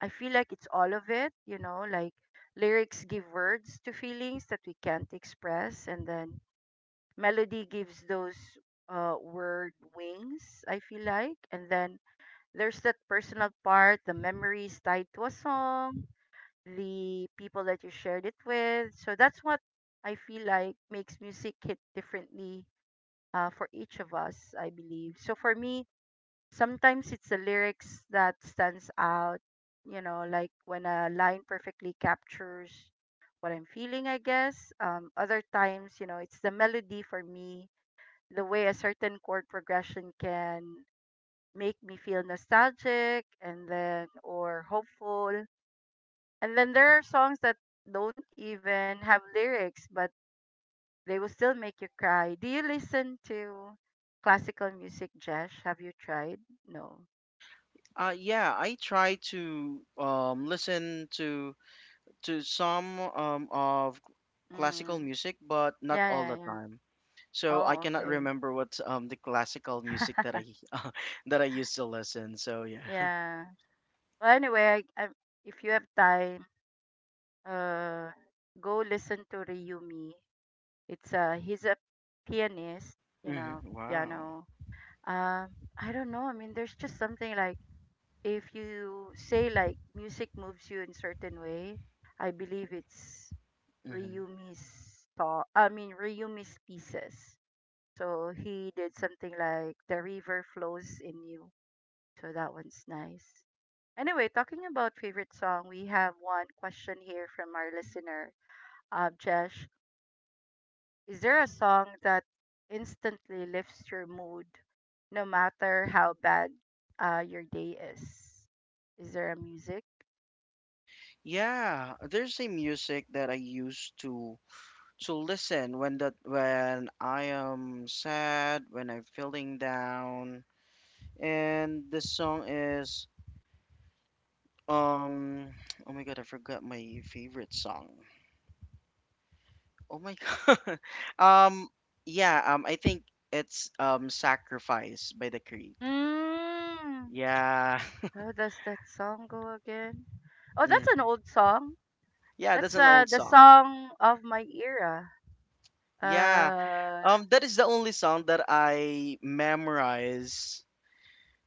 Speaker 1: I feel like it's all of it, you know, like lyrics give words to feelings that we can't express, and then melody gives those word wings, I feel like, and then there's that personal part, the memories tied to a song, the people that you shared it with. So that's what I feel like makes music hit differently for each of us, I believe. So for me, sometimes it's the lyrics that stands out, you know, like when a line perfectly captures what I'm feeling, I guess. Other times, you know, it's the melody for me, the way a certain chord progression can make me feel nostalgic and then or hopeful. And then there are songs that don't even have lyrics but they will still make you cry. Do you listen to classical music, Jesh? Have you tried? No.
Speaker 2: Yeah, I try to listen to some of classical
Speaker 1: Mm.
Speaker 2: music, but not
Speaker 1: Yeah,
Speaker 2: all
Speaker 1: yeah,
Speaker 2: the
Speaker 1: yeah.
Speaker 2: time. So I
Speaker 1: Oh,
Speaker 2: cannot
Speaker 1: okay.
Speaker 2: remember what the classical music that I that I used to listen. So yeah.
Speaker 1: Yeah. Well, anyway, if you have time, uh, go listen to Ryumi. It's He's a pianist, you know,
Speaker 2: Hmm. Wow.
Speaker 1: piano. Um, I don't know. I mean, there's just something like, if you say like music moves you in certain way, I believe it's
Speaker 2: Hmm.
Speaker 1: Ryumi's thought. I mean, Ryumi's pieces. So he did something like the river flows in you. So that one's nice. Anyway, talking about favorite song, we have one question here from our listener, uh, is there a song that instantly lifts your mood no matter how bad your day is? Is there a music?
Speaker 2: Yeah, there's a music that I used to listen when that when I am sad, when I'm feeling down, and the song is um oh my god, I forgot my favorite song. Oh my God. Um, yeah, I think it's Sacrifice by the Creed.
Speaker 1: Mm.
Speaker 2: Yeah.
Speaker 1: How does that song go again? Oh, that's an
Speaker 2: Mhm.
Speaker 1: old song.
Speaker 2: Yeah, that's
Speaker 1: That's
Speaker 2: an old
Speaker 1: the
Speaker 2: song.
Speaker 1: song of my era.
Speaker 2: Yeah.
Speaker 1: Uh,
Speaker 2: That is the only song that I memorize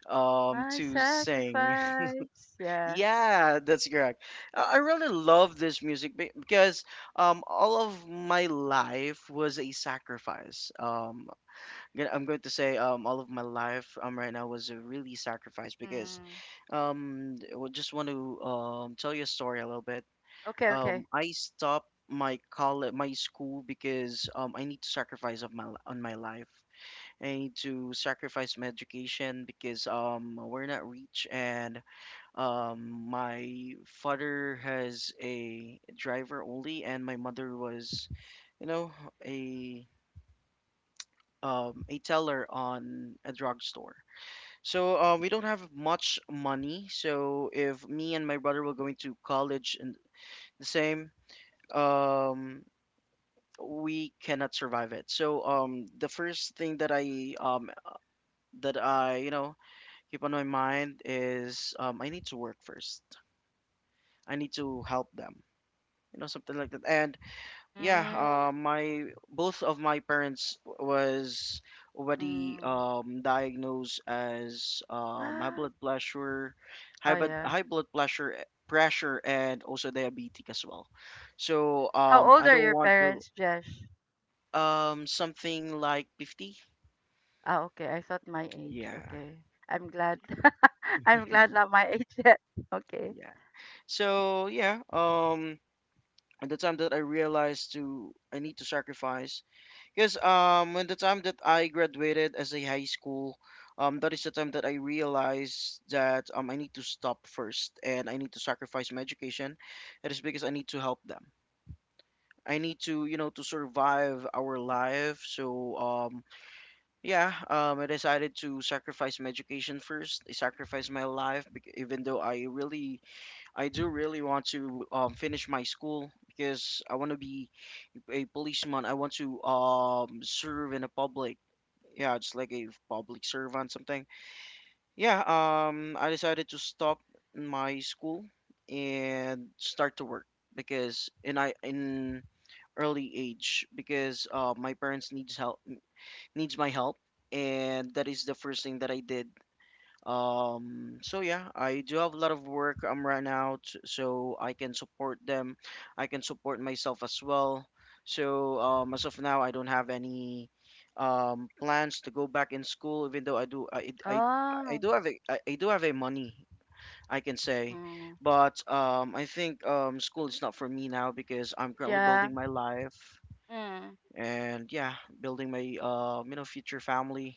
Speaker 1: my
Speaker 2: to sing.
Speaker 1: sacrifice. Yeah.
Speaker 2: Yeah, that's correct. I really love this music because all of my life was a sacrifice. I'm going to say all of my life right now was a really sacrifice, because
Speaker 1: Mm.
Speaker 2: I would just want to tell you a story a little bit.
Speaker 1: Okay, okay.
Speaker 2: I stopped my college, my school, because I need to sacrifice of my on my life. I need to sacrifice my education because we're not rich, and my father has a driver only, and my mother was, you know, a a teller on a drugstore. So we don't have much money. So if me and my brother were going to college and the same, um, we cannot survive it. So the first thing that I, that I, you know, keep on my mind is, I need to work first. I need to help them. You know, something like that. And yeah,
Speaker 1: Mm.
Speaker 2: my both of my parents was already
Speaker 1: Mm.
Speaker 2: diagnosed as high
Speaker 1: What?
Speaker 2: blood pressure,
Speaker 1: Oh yeah.
Speaker 2: high blood pressure and also diabetic as well. So
Speaker 1: How old
Speaker 2: I
Speaker 1: are
Speaker 2: don't
Speaker 1: your
Speaker 2: want to
Speaker 1: parents, Jesh?
Speaker 2: something like 50.
Speaker 1: Ah, okay. I thought my age.
Speaker 2: Yeah,
Speaker 1: Okay. I'm glad. I'm glad not my age yet. Okay.
Speaker 2: yeah. So yeah, at the time that I realized to I need to sacrifice, because when the time that I graduated as a high school, that is the time that I realized that, I need to stop first and I need to sacrifice my education. It is because I need to help them. I need to, you know, to survive our life. So yeah, I decided to sacrifice my education first. I sacrificed my life, even though I really, I do really want to, finish my school because I want to be a policeman. I want to, serve in the public, yeah, just like a public servant, something. Yeah, I decided to stop my school and start to work because in early age because my parents needs help needs my help, and that is the first thing that I did. I do have a lot of work right now, so I can support them. I can support myself as well. So as of now, I don't have any plans to go back in school, even though I
Speaker 1: Oh.
Speaker 2: do have a I do have a money, I can say,
Speaker 1: Mm.
Speaker 2: but I think school is not for me now because I'm currently
Speaker 1: Yeah.
Speaker 2: building my life.
Speaker 1: Mm.
Speaker 2: And yeah, building my future family.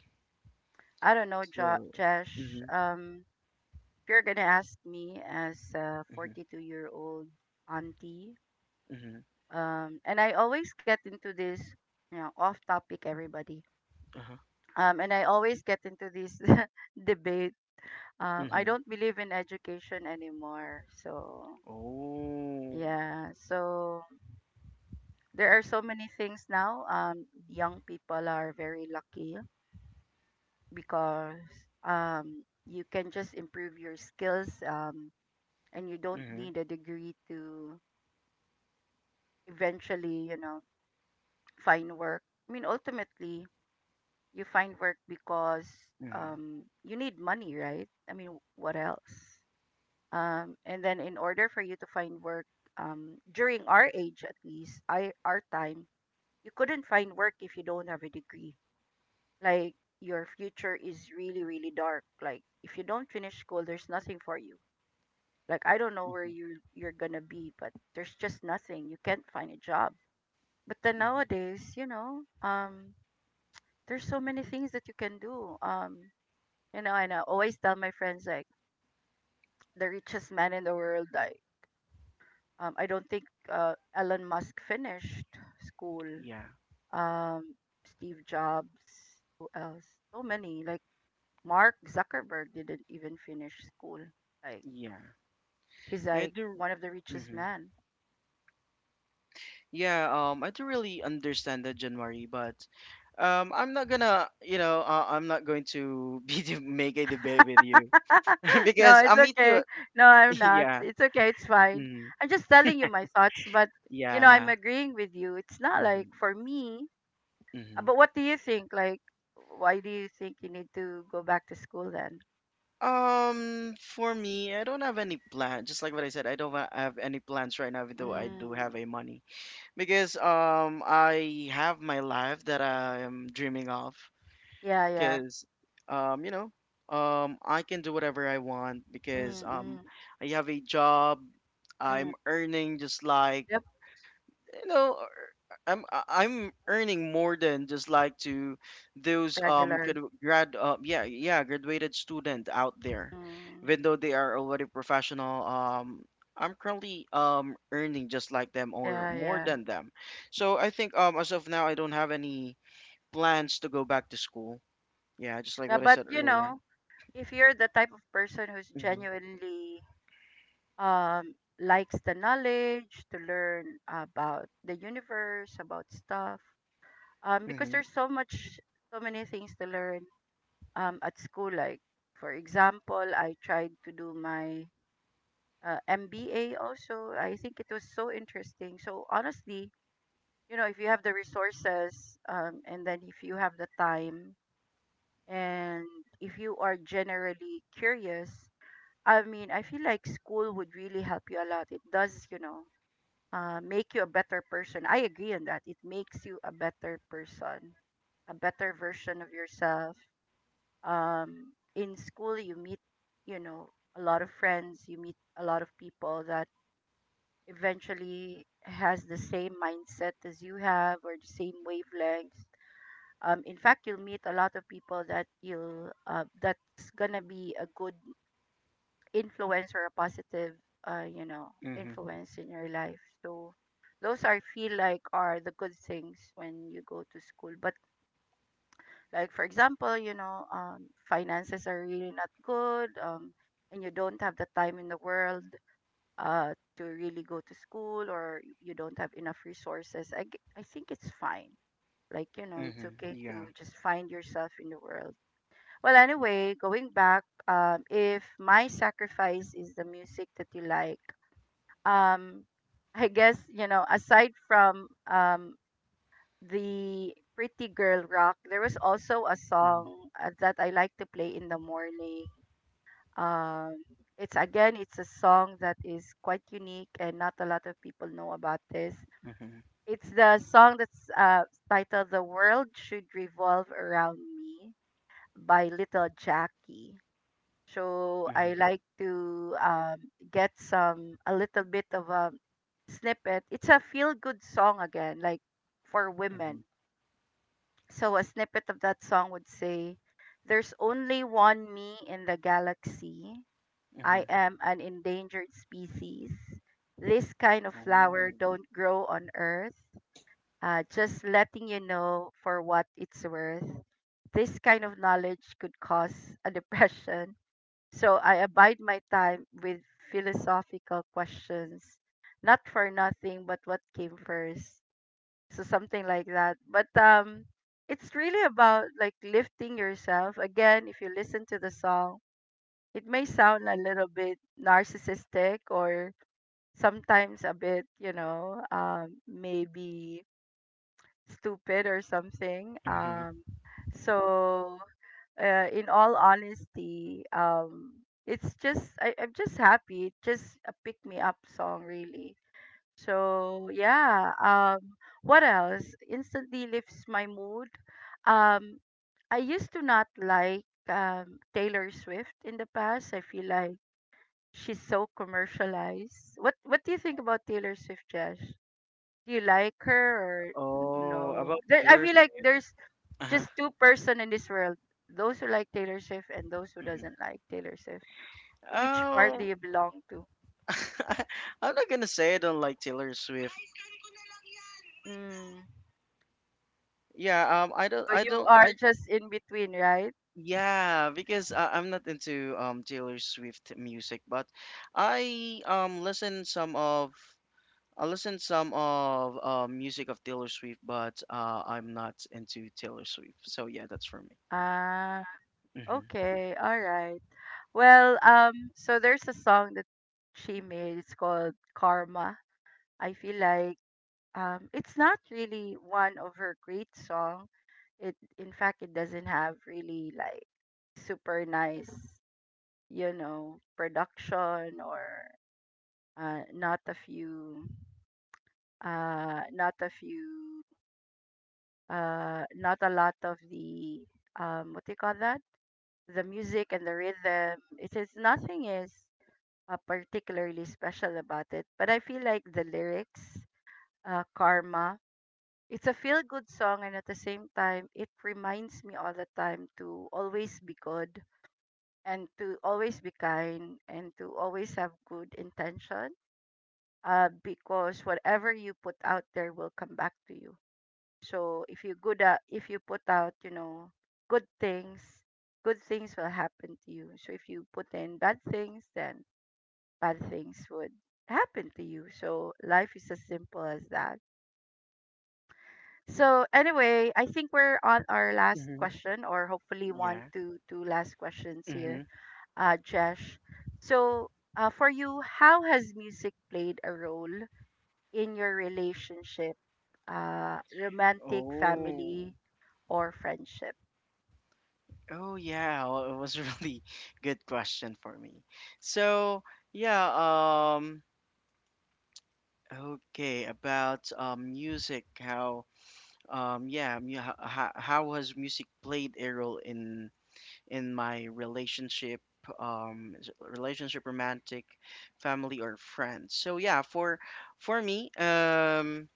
Speaker 1: I don't know,
Speaker 2: So.
Speaker 1: Josh.
Speaker 2: Mm-hmm,
Speaker 1: If you're gonna ask me as a
Speaker 2: mm-hmm,
Speaker 1: 42-year-old auntie,
Speaker 2: mm-hmm,
Speaker 1: and I always get into this, you know, off topic, everybody.
Speaker 2: uh-huh.
Speaker 1: And I always get into this debate. I
Speaker 2: Mhm.
Speaker 1: don't believe in education anymore. So
Speaker 2: Oh.
Speaker 1: yeah. So there are so many things now. Young people are very lucky because you can just improve your skills, and you don't
Speaker 2: Mhm.
Speaker 1: need a degree to eventually, you know, find work. I mean, ultimately, you find work because,
Speaker 2: Mhm.
Speaker 1: you need money, right? I mean, what else? And then, in order for you to find work, during our age at least, our time, you couldn't find work if you don't have a degree. Like, your future is really really dark. Like if you don't finish school, there's nothing for you. Like I don't know where
Speaker 2: Mhm.
Speaker 1: you're gonna be, but there's just nothing. You can't find a job. But then
Speaker 2: Mhm.
Speaker 1: nowadays, you know, there's so many things that you can do. You know, and I always tell my friends like the richest man in the world. Like, I don't think Elon Musk finished school.
Speaker 2: Yeah.
Speaker 1: Um, Steve Jobs. Who else? So many. Like Mark Zuckerberg didn't even finish school. Like
Speaker 2: Yeah.
Speaker 1: he's
Speaker 2: I
Speaker 1: like
Speaker 2: do.
Speaker 1: one of the richest
Speaker 2: Hmm.
Speaker 1: men.
Speaker 2: Yeah. I do really understand that, January, but I'm not gonna. I'm not going to be to make a debate with you
Speaker 1: No,
Speaker 2: because
Speaker 1: it's
Speaker 2: I'm me too.
Speaker 1: okay. No, I'm not.
Speaker 2: Yeah.
Speaker 1: It's okay. It's fine.
Speaker 2: Mm,
Speaker 1: I'm just telling you my thoughts, but you know, I'm
Speaker 2: yeah.
Speaker 1: agreeing with you. It's not like
Speaker 2: Hmm.
Speaker 1: for me.
Speaker 2: Hmm.
Speaker 1: But what do you think? Like, why do you think you need to go back to school then?
Speaker 2: For me, I don't have any plan. Just like what I said, I don't have any plans right now, even though I do have
Speaker 1: Mm,
Speaker 2: a money. Because I have my life that I am dreaming of,
Speaker 1: yeah, yeah.
Speaker 2: because um you know I can do whatever I want because
Speaker 1: Mm, mm,
Speaker 2: I have a job.
Speaker 1: mm.
Speaker 2: I'm earning, just like
Speaker 1: Yep,
Speaker 2: I'm earning more than just like to those
Speaker 1: regular.
Speaker 2: graduated student out there,
Speaker 1: Mm,
Speaker 2: even though they are already professional. I'm currently earning just like them or
Speaker 1: yeah,
Speaker 2: more
Speaker 1: yeah.
Speaker 2: than them. So I think as of now, I don't have any plans to go back to school. Yeah, just like
Speaker 1: Yeah,
Speaker 2: what I
Speaker 1: but
Speaker 2: said
Speaker 1: you
Speaker 2: earlier.
Speaker 1: know, if you're the type of person who's
Speaker 2: Mhm.
Speaker 1: genuinely um likes the knowledge to learn about the universe about stuff because
Speaker 2: Mhm.
Speaker 1: there's so much, so many things to learn at school, like for example I tried to do my MBA also. I think it was so interesting. So honestly, you know, if you have the resources, and then if you have the time, and if you are generally curious, I mean, I feel like school would really help you a lot. It does, you know, make you a better person. I agree on that. It makes you a better person, a better version of yourself. In school, you meet, you know, a lot of friends. You meet a lot of people that eventually has the same mindset as you have or the same wavelengths. In fact, you'll meet a lot of people that you'll that's gonna be a good influence or a positive you know,
Speaker 2: Mhm.
Speaker 1: influence in your life. So those are feel like are the good things when you go to school. But like for example, you know, finances are really not good, and you don't have the time in the world to really go to school, or you don't have enough resources, I think it's fine. Like, you know, it's
Speaker 2: Mhm.
Speaker 1: okay to
Speaker 2: Yeah.
Speaker 1: just find yourself in the world. Well, anyway, going back, if my sacrifice is the music that you like, um I guess you know, aside from the Pretty Girl Rock, there was also a
Speaker 2: Mhm.
Speaker 1: song that I like to play in the morning. Um it's again, it's a song that is quite unique and not a lot of people know about this.
Speaker 2: Mhm.
Speaker 1: It's the song that's titled The World Should Revolve Around Me by Little Jackie. So
Speaker 2: Mhm.
Speaker 1: I like to, get some a little bit of a snippet. It's a feel good song again, like for
Speaker 2: Mhm.
Speaker 1: women. So a snippet of that song would say, "There's only one me in the galaxy. I
Speaker 2: Mhm.
Speaker 1: am an endangered species. This kind of flower don't grow on Earth. Just letting you know for what it's worth. This kind of knowledge could cause a depression." So I abide my time with philosophical questions, not for nothing, but what came first. So something like that. But it's really about like lifting yourself. Again, if you listen to the song, it may sound a little bit narcissistic or sometimes a bit, you know, maybe stupid or something.
Speaker 2: Oh.
Speaker 1: So in all honesty, it's just I'm just happy. It's just a pick me up song, really. So yeah. What else? Instantly lifts my mood. Um, I used to not like Taylor Swift in the past. I feel like she's so commercialized. What do you think about Taylor Swift, Josh? Do you like her or
Speaker 2: Oh,
Speaker 1: no?
Speaker 2: about
Speaker 1: There, I
Speaker 2: Taylor
Speaker 1: feel like
Speaker 2: Swift?
Speaker 1: there's
Speaker 2: Uh-huh.
Speaker 1: just two person in this world, those who like Taylor Swift and those who
Speaker 2: Mhm.
Speaker 1: doesn't like Taylor Swift. Which part do
Speaker 2: Oh,
Speaker 1: you belong to?
Speaker 2: I'm not gonna say I don't like Taylor Swift.
Speaker 1: Mm.
Speaker 2: Yeah, um, I don't,
Speaker 1: So
Speaker 2: I
Speaker 1: you
Speaker 2: don't,
Speaker 1: are
Speaker 2: I,
Speaker 1: just in between, right?
Speaker 2: yeah, because I'm not into Taylor Swift music, but I I listen some of music of Taylor Swift, but I'm not into Taylor Swift. So yeah, that's for me.
Speaker 1: Ah,
Speaker 2: Mm-hmm.
Speaker 1: okay, all right. Well, so there's a song that she made, it's called Karma. I feel like it's not really one of her great song. It in fact it doesn't have really like super nice, you know, production, or not a few not a few not a lot of the what do you call that, the music and the rhythm. It is nothing, is particularly special about it. But I feel like the lyrics, Karma, it's a feel good song, and at the same time it reminds me all the time to always be good, and to always be kind, and to always have good intention, because whatever you put out there will come back to you. So if you good at, if you put out, you know, good things, good things will happen to you. So if you put in bad things, then bad things would happen to you. So life is as simple as that. So anyway, I think we're on our last
Speaker 2: Mm-hmm.
Speaker 1: question, or hopefully one
Speaker 2: Yeah.
Speaker 1: to two last questions here,
Speaker 2: Mm-hmm.
Speaker 1: Jesh. So for you, how has music played a role in your relationship, romantic,
Speaker 2: Oh.
Speaker 1: family, or friendship?
Speaker 2: Oh yeah, well, it was a really good question for me. So yeah, okay, about music, how how has music played a role in my relationship, relationship, romantic, family, or friends? So yeah, for me,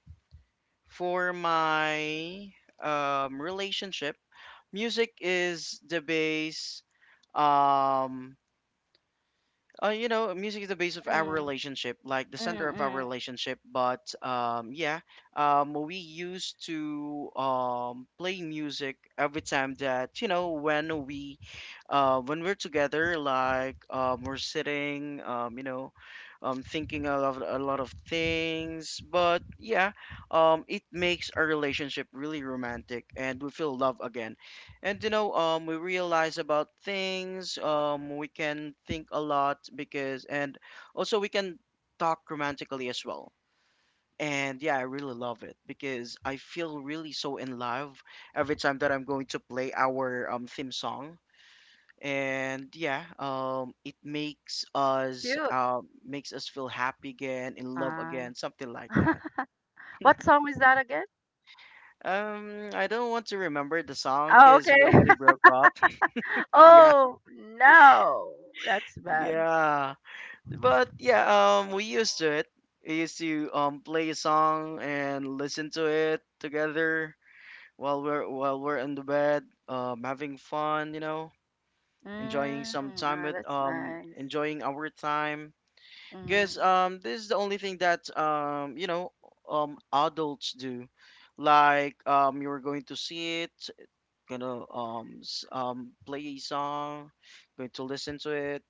Speaker 2: for my relationship, music is the base. um Music is the base of our
Speaker 1: Mm,
Speaker 2: relationship, like the center
Speaker 1: mm,
Speaker 2: of our
Speaker 1: mm.
Speaker 2: relationship. But we used to play music every time that you know when we're together, like we're sitting, thinking a lot of things. But yeah, it makes our relationship really romantic, and we feel love again. And you know, we realize about things. We can think a lot because, and also we can talk romantically as well. And yeah, I really love it because I feel really so in love every time that I'm going to play our theme song. And yeah, it
Speaker 1: Cute.
Speaker 2: makes us feel happy again, in love
Speaker 1: Uh,
Speaker 2: again, something like that.
Speaker 1: what song is that again?
Speaker 2: I don't want to remember the song
Speaker 1: Oh,
Speaker 2: because we
Speaker 1: okay.
Speaker 2: already broke up. Yeah,
Speaker 1: Oh, no. That's bad.
Speaker 2: yeah. But yeah, we used to it. We used to play a song and listen to it together while we're in the bed, having fun, you know,
Speaker 1: Mm, ah, that's nice.
Speaker 2: enjoying our time. Guess
Speaker 1: Mm.
Speaker 2: this is the only thing that adults do. Like you're going to see it, gonna play a song, going to listen to it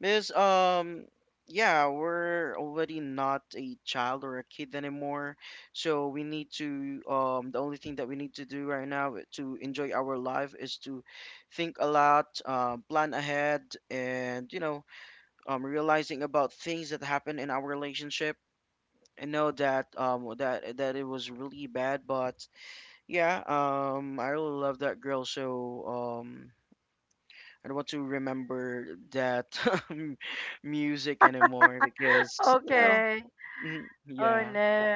Speaker 2: because yeah, we're already not a child or a kid anymore. So we need to the only thing that we need to do right now to enjoy our life is to think a lot, plan ahead, and you know, realizing about things that happen in our relationship. I know that that it was really bad, but yeah, I really love that girl, so I don't want to remember that m- music anymore because
Speaker 1: Okay.
Speaker 2: mm,
Speaker 1: Oh,
Speaker 2: yeah,
Speaker 1: no.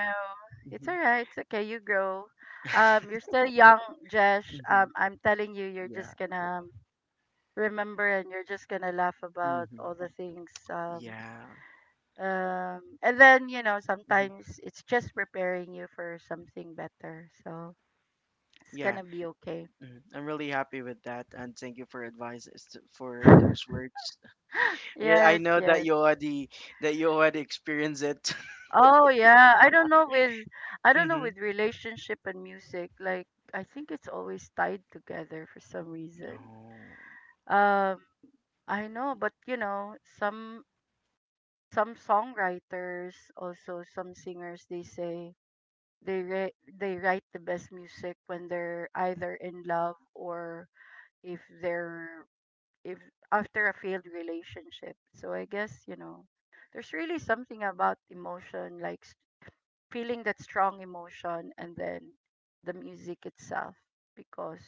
Speaker 1: It's
Speaker 2: mhm,
Speaker 1: all right. It's okay. You grow. You're still young, Jesh.
Speaker 2: mhm,
Speaker 1: I'm telling you, you're
Speaker 2: yeah,
Speaker 1: just gonna remember, and you're just gonna laugh about
Speaker 2: mhm,
Speaker 1: all the things,
Speaker 2: yeah,
Speaker 1: um, and then, you know,
Speaker 2: mhm,
Speaker 1: sometimes it's just preparing you for something better. So it's
Speaker 2: yeah.
Speaker 1: gonna be okay.
Speaker 2: Mhm. I'm really happy with that, and thank you for advice for those words. Yeah, I
Speaker 1: Yes,
Speaker 2: know that
Speaker 1: yes.
Speaker 2: you already experienced it.
Speaker 1: Oh yeah, i don't know with i don't know
Speaker 2: Hmm.
Speaker 1: with relationship and music, like, I think it's always tied together for some reason.
Speaker 2: Oh,
Speaker 1: Um, I know, but you know, some songwriters, also some singers, they say they write the best music when they're either in love, or if they're, if after a failed relationship. So I guess, you know, there's really something about emotion, like feeling that strong emotion, and then the music itself. Because,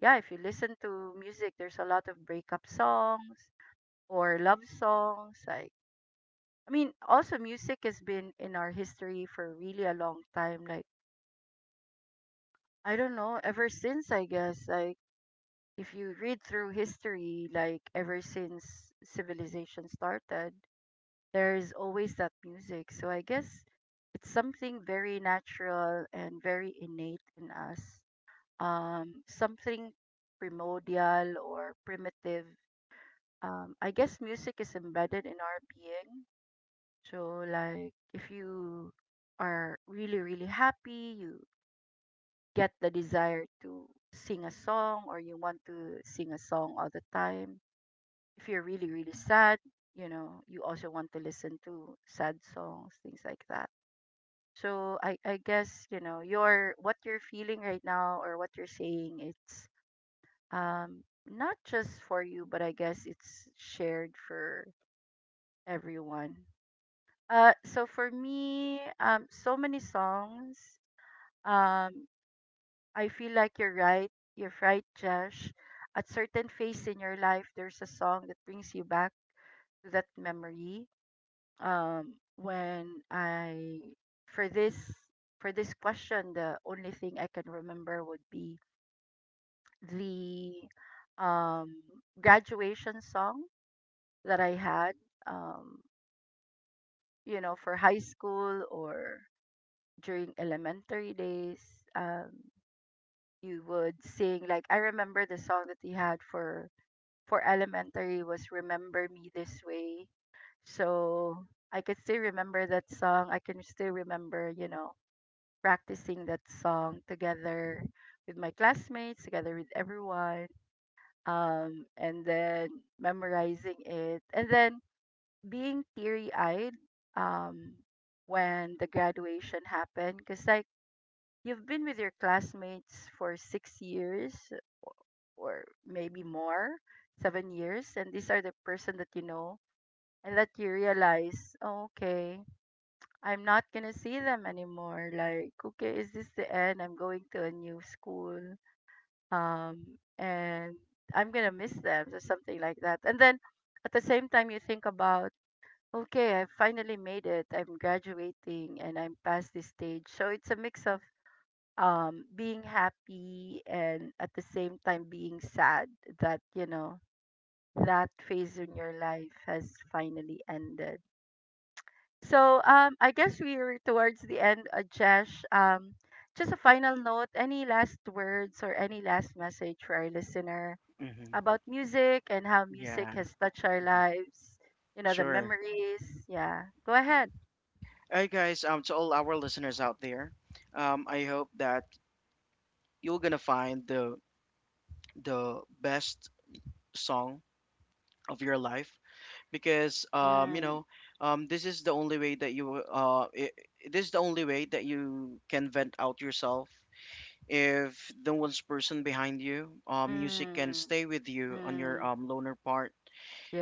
Speaker 1: yeah, if you listen to music, there's a lot of breakup songs or love songs. Like, I mean, also music has been in our history for really a long time. Like, I don't know, ever since, I guess, like, if you read through history, like ever since civilization started, there is always that music. So I guess it's something very natural and very innate in us. Something primordial or primitive. I guess music is embedded in our being. So like if you are really, really happy, you get the desire to sing a song, or you want to sing a song all the time. If you're really, really sad, you know, you also want to listen to sad songs, things like that. So I guess, you know, your what you're feeling right now, or what you're saying, it's um not just for you, but I guess it's shared for everyone. Uh, so for me, um, so many songs. Um, I feel like you're right. You're right, Josh. At certain phase in your life, there's a song that brings you back to that memory. When I, for this for this question, the only thing I can remember would be the um graduation song that I had. Um, you know, for high school, or during elementary days. Um, you would sing, like, I remember the song that we had for elementary was Remember Me This Way. So I can still remember that song. I can still remember, you know, practicing that song together with my classmates, together with everyone, and then memorizing it. And then being teary eyed, um, when the graduation happened. Because, like, you've been with your classmates for 6 years, o- or maybe more, 7 years, and these are the person that you know, and that you realize, "Oh, okay, I'm not gonna see them anymore. Like, okay, is this the end? I'm going to a new school, and I'm gonna miss them," or something like that. And then at the same time, you think about, okay, I finally made it. I'm graduating, and I'm past this stage. So it's a mix of being happy and at the same time being sad, that you know that phase in your life has finally ended. So I guess we're towards the end, Jesh. Um, just a final note, any last words or any last message for our listener
Speaker 2: hmm,
Speaker 1: about music and how music
Speaker 2: yeah,
Speaker 1: has touched our
Speaker 2: mhm.
Speaker 1: lives, you know, the
Speaker 2: Sure.
Speaker 1: memories? Yeah, go ahead.
Speaker 2: Hey guys, to all our listeners out there, I hope that you're gonna find the best song of your life, because
Speaker 1: Mm,
Speaker 2: this is the only way that you I this is the only way that you can vent out yourself. If no one's person behind you, music can
Speaker 1: mm,
Speaker 2: stay with you on your
Speaker 1: mm,
Speaker 2: loner part,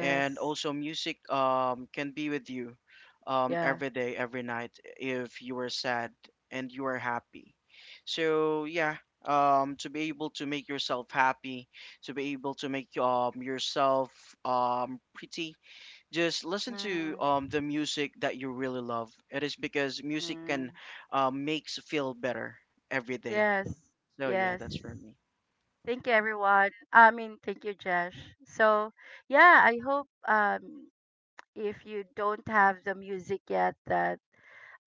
Speaker 2: and also music can be with you
Speaker 1: yeah.
Speaker 2: every day, every night, if you are sad and you are happy. So yeah, to be able to make yourself happy, to be able to make yourself pretty, just listen to
Speaker 1: Mm.
Speaker 2: the music that you really love. It is because music can
Speaker 1: Mm.
Speaker 2: makes feel better every day.
Speaker 1: Yes,
Speaker 2: So yeah,
Speaker 1: yes.
Speaker 2: that's for me.
Speaker 1: Thank you, everyone. I mean, thank you, Josh. So, yeah, I hope if you don't have the music yet, that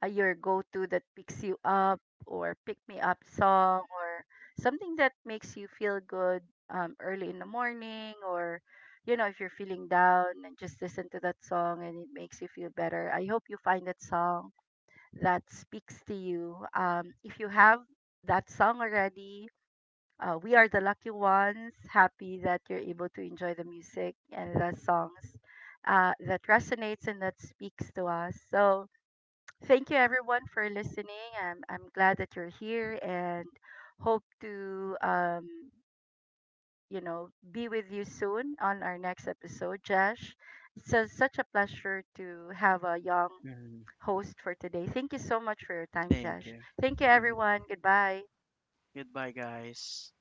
Speaker 1: your go-to, that picks you up, or pick me up song, or something that makes you feel good early in the morning, or you know, if you're feeling down, and just listen to that song and it makes you feel better. I hope you find that song that speaks to you. If you have that song already, we are the lucky ones, happy that you're able to enjoy the music and the songs that resonates and that speaks to us. So thank you everyone for listening. I'm glad that you're here, and hope to, you know, be with you soon on our next episode, Josh. It's a, such a pleasure to have a young
Speaker 2: Mhm.
Speaker 1: host for today. Thank you so much for your time,
Speaker 2: Thank
Speaker 1: Josh.
Speaker 2: you.
Speaker 1: Thank you,
Speaker 2: Hmm.
Speaker 1: everyone. Goodbye.
Speaker 2: Goodbye, guys.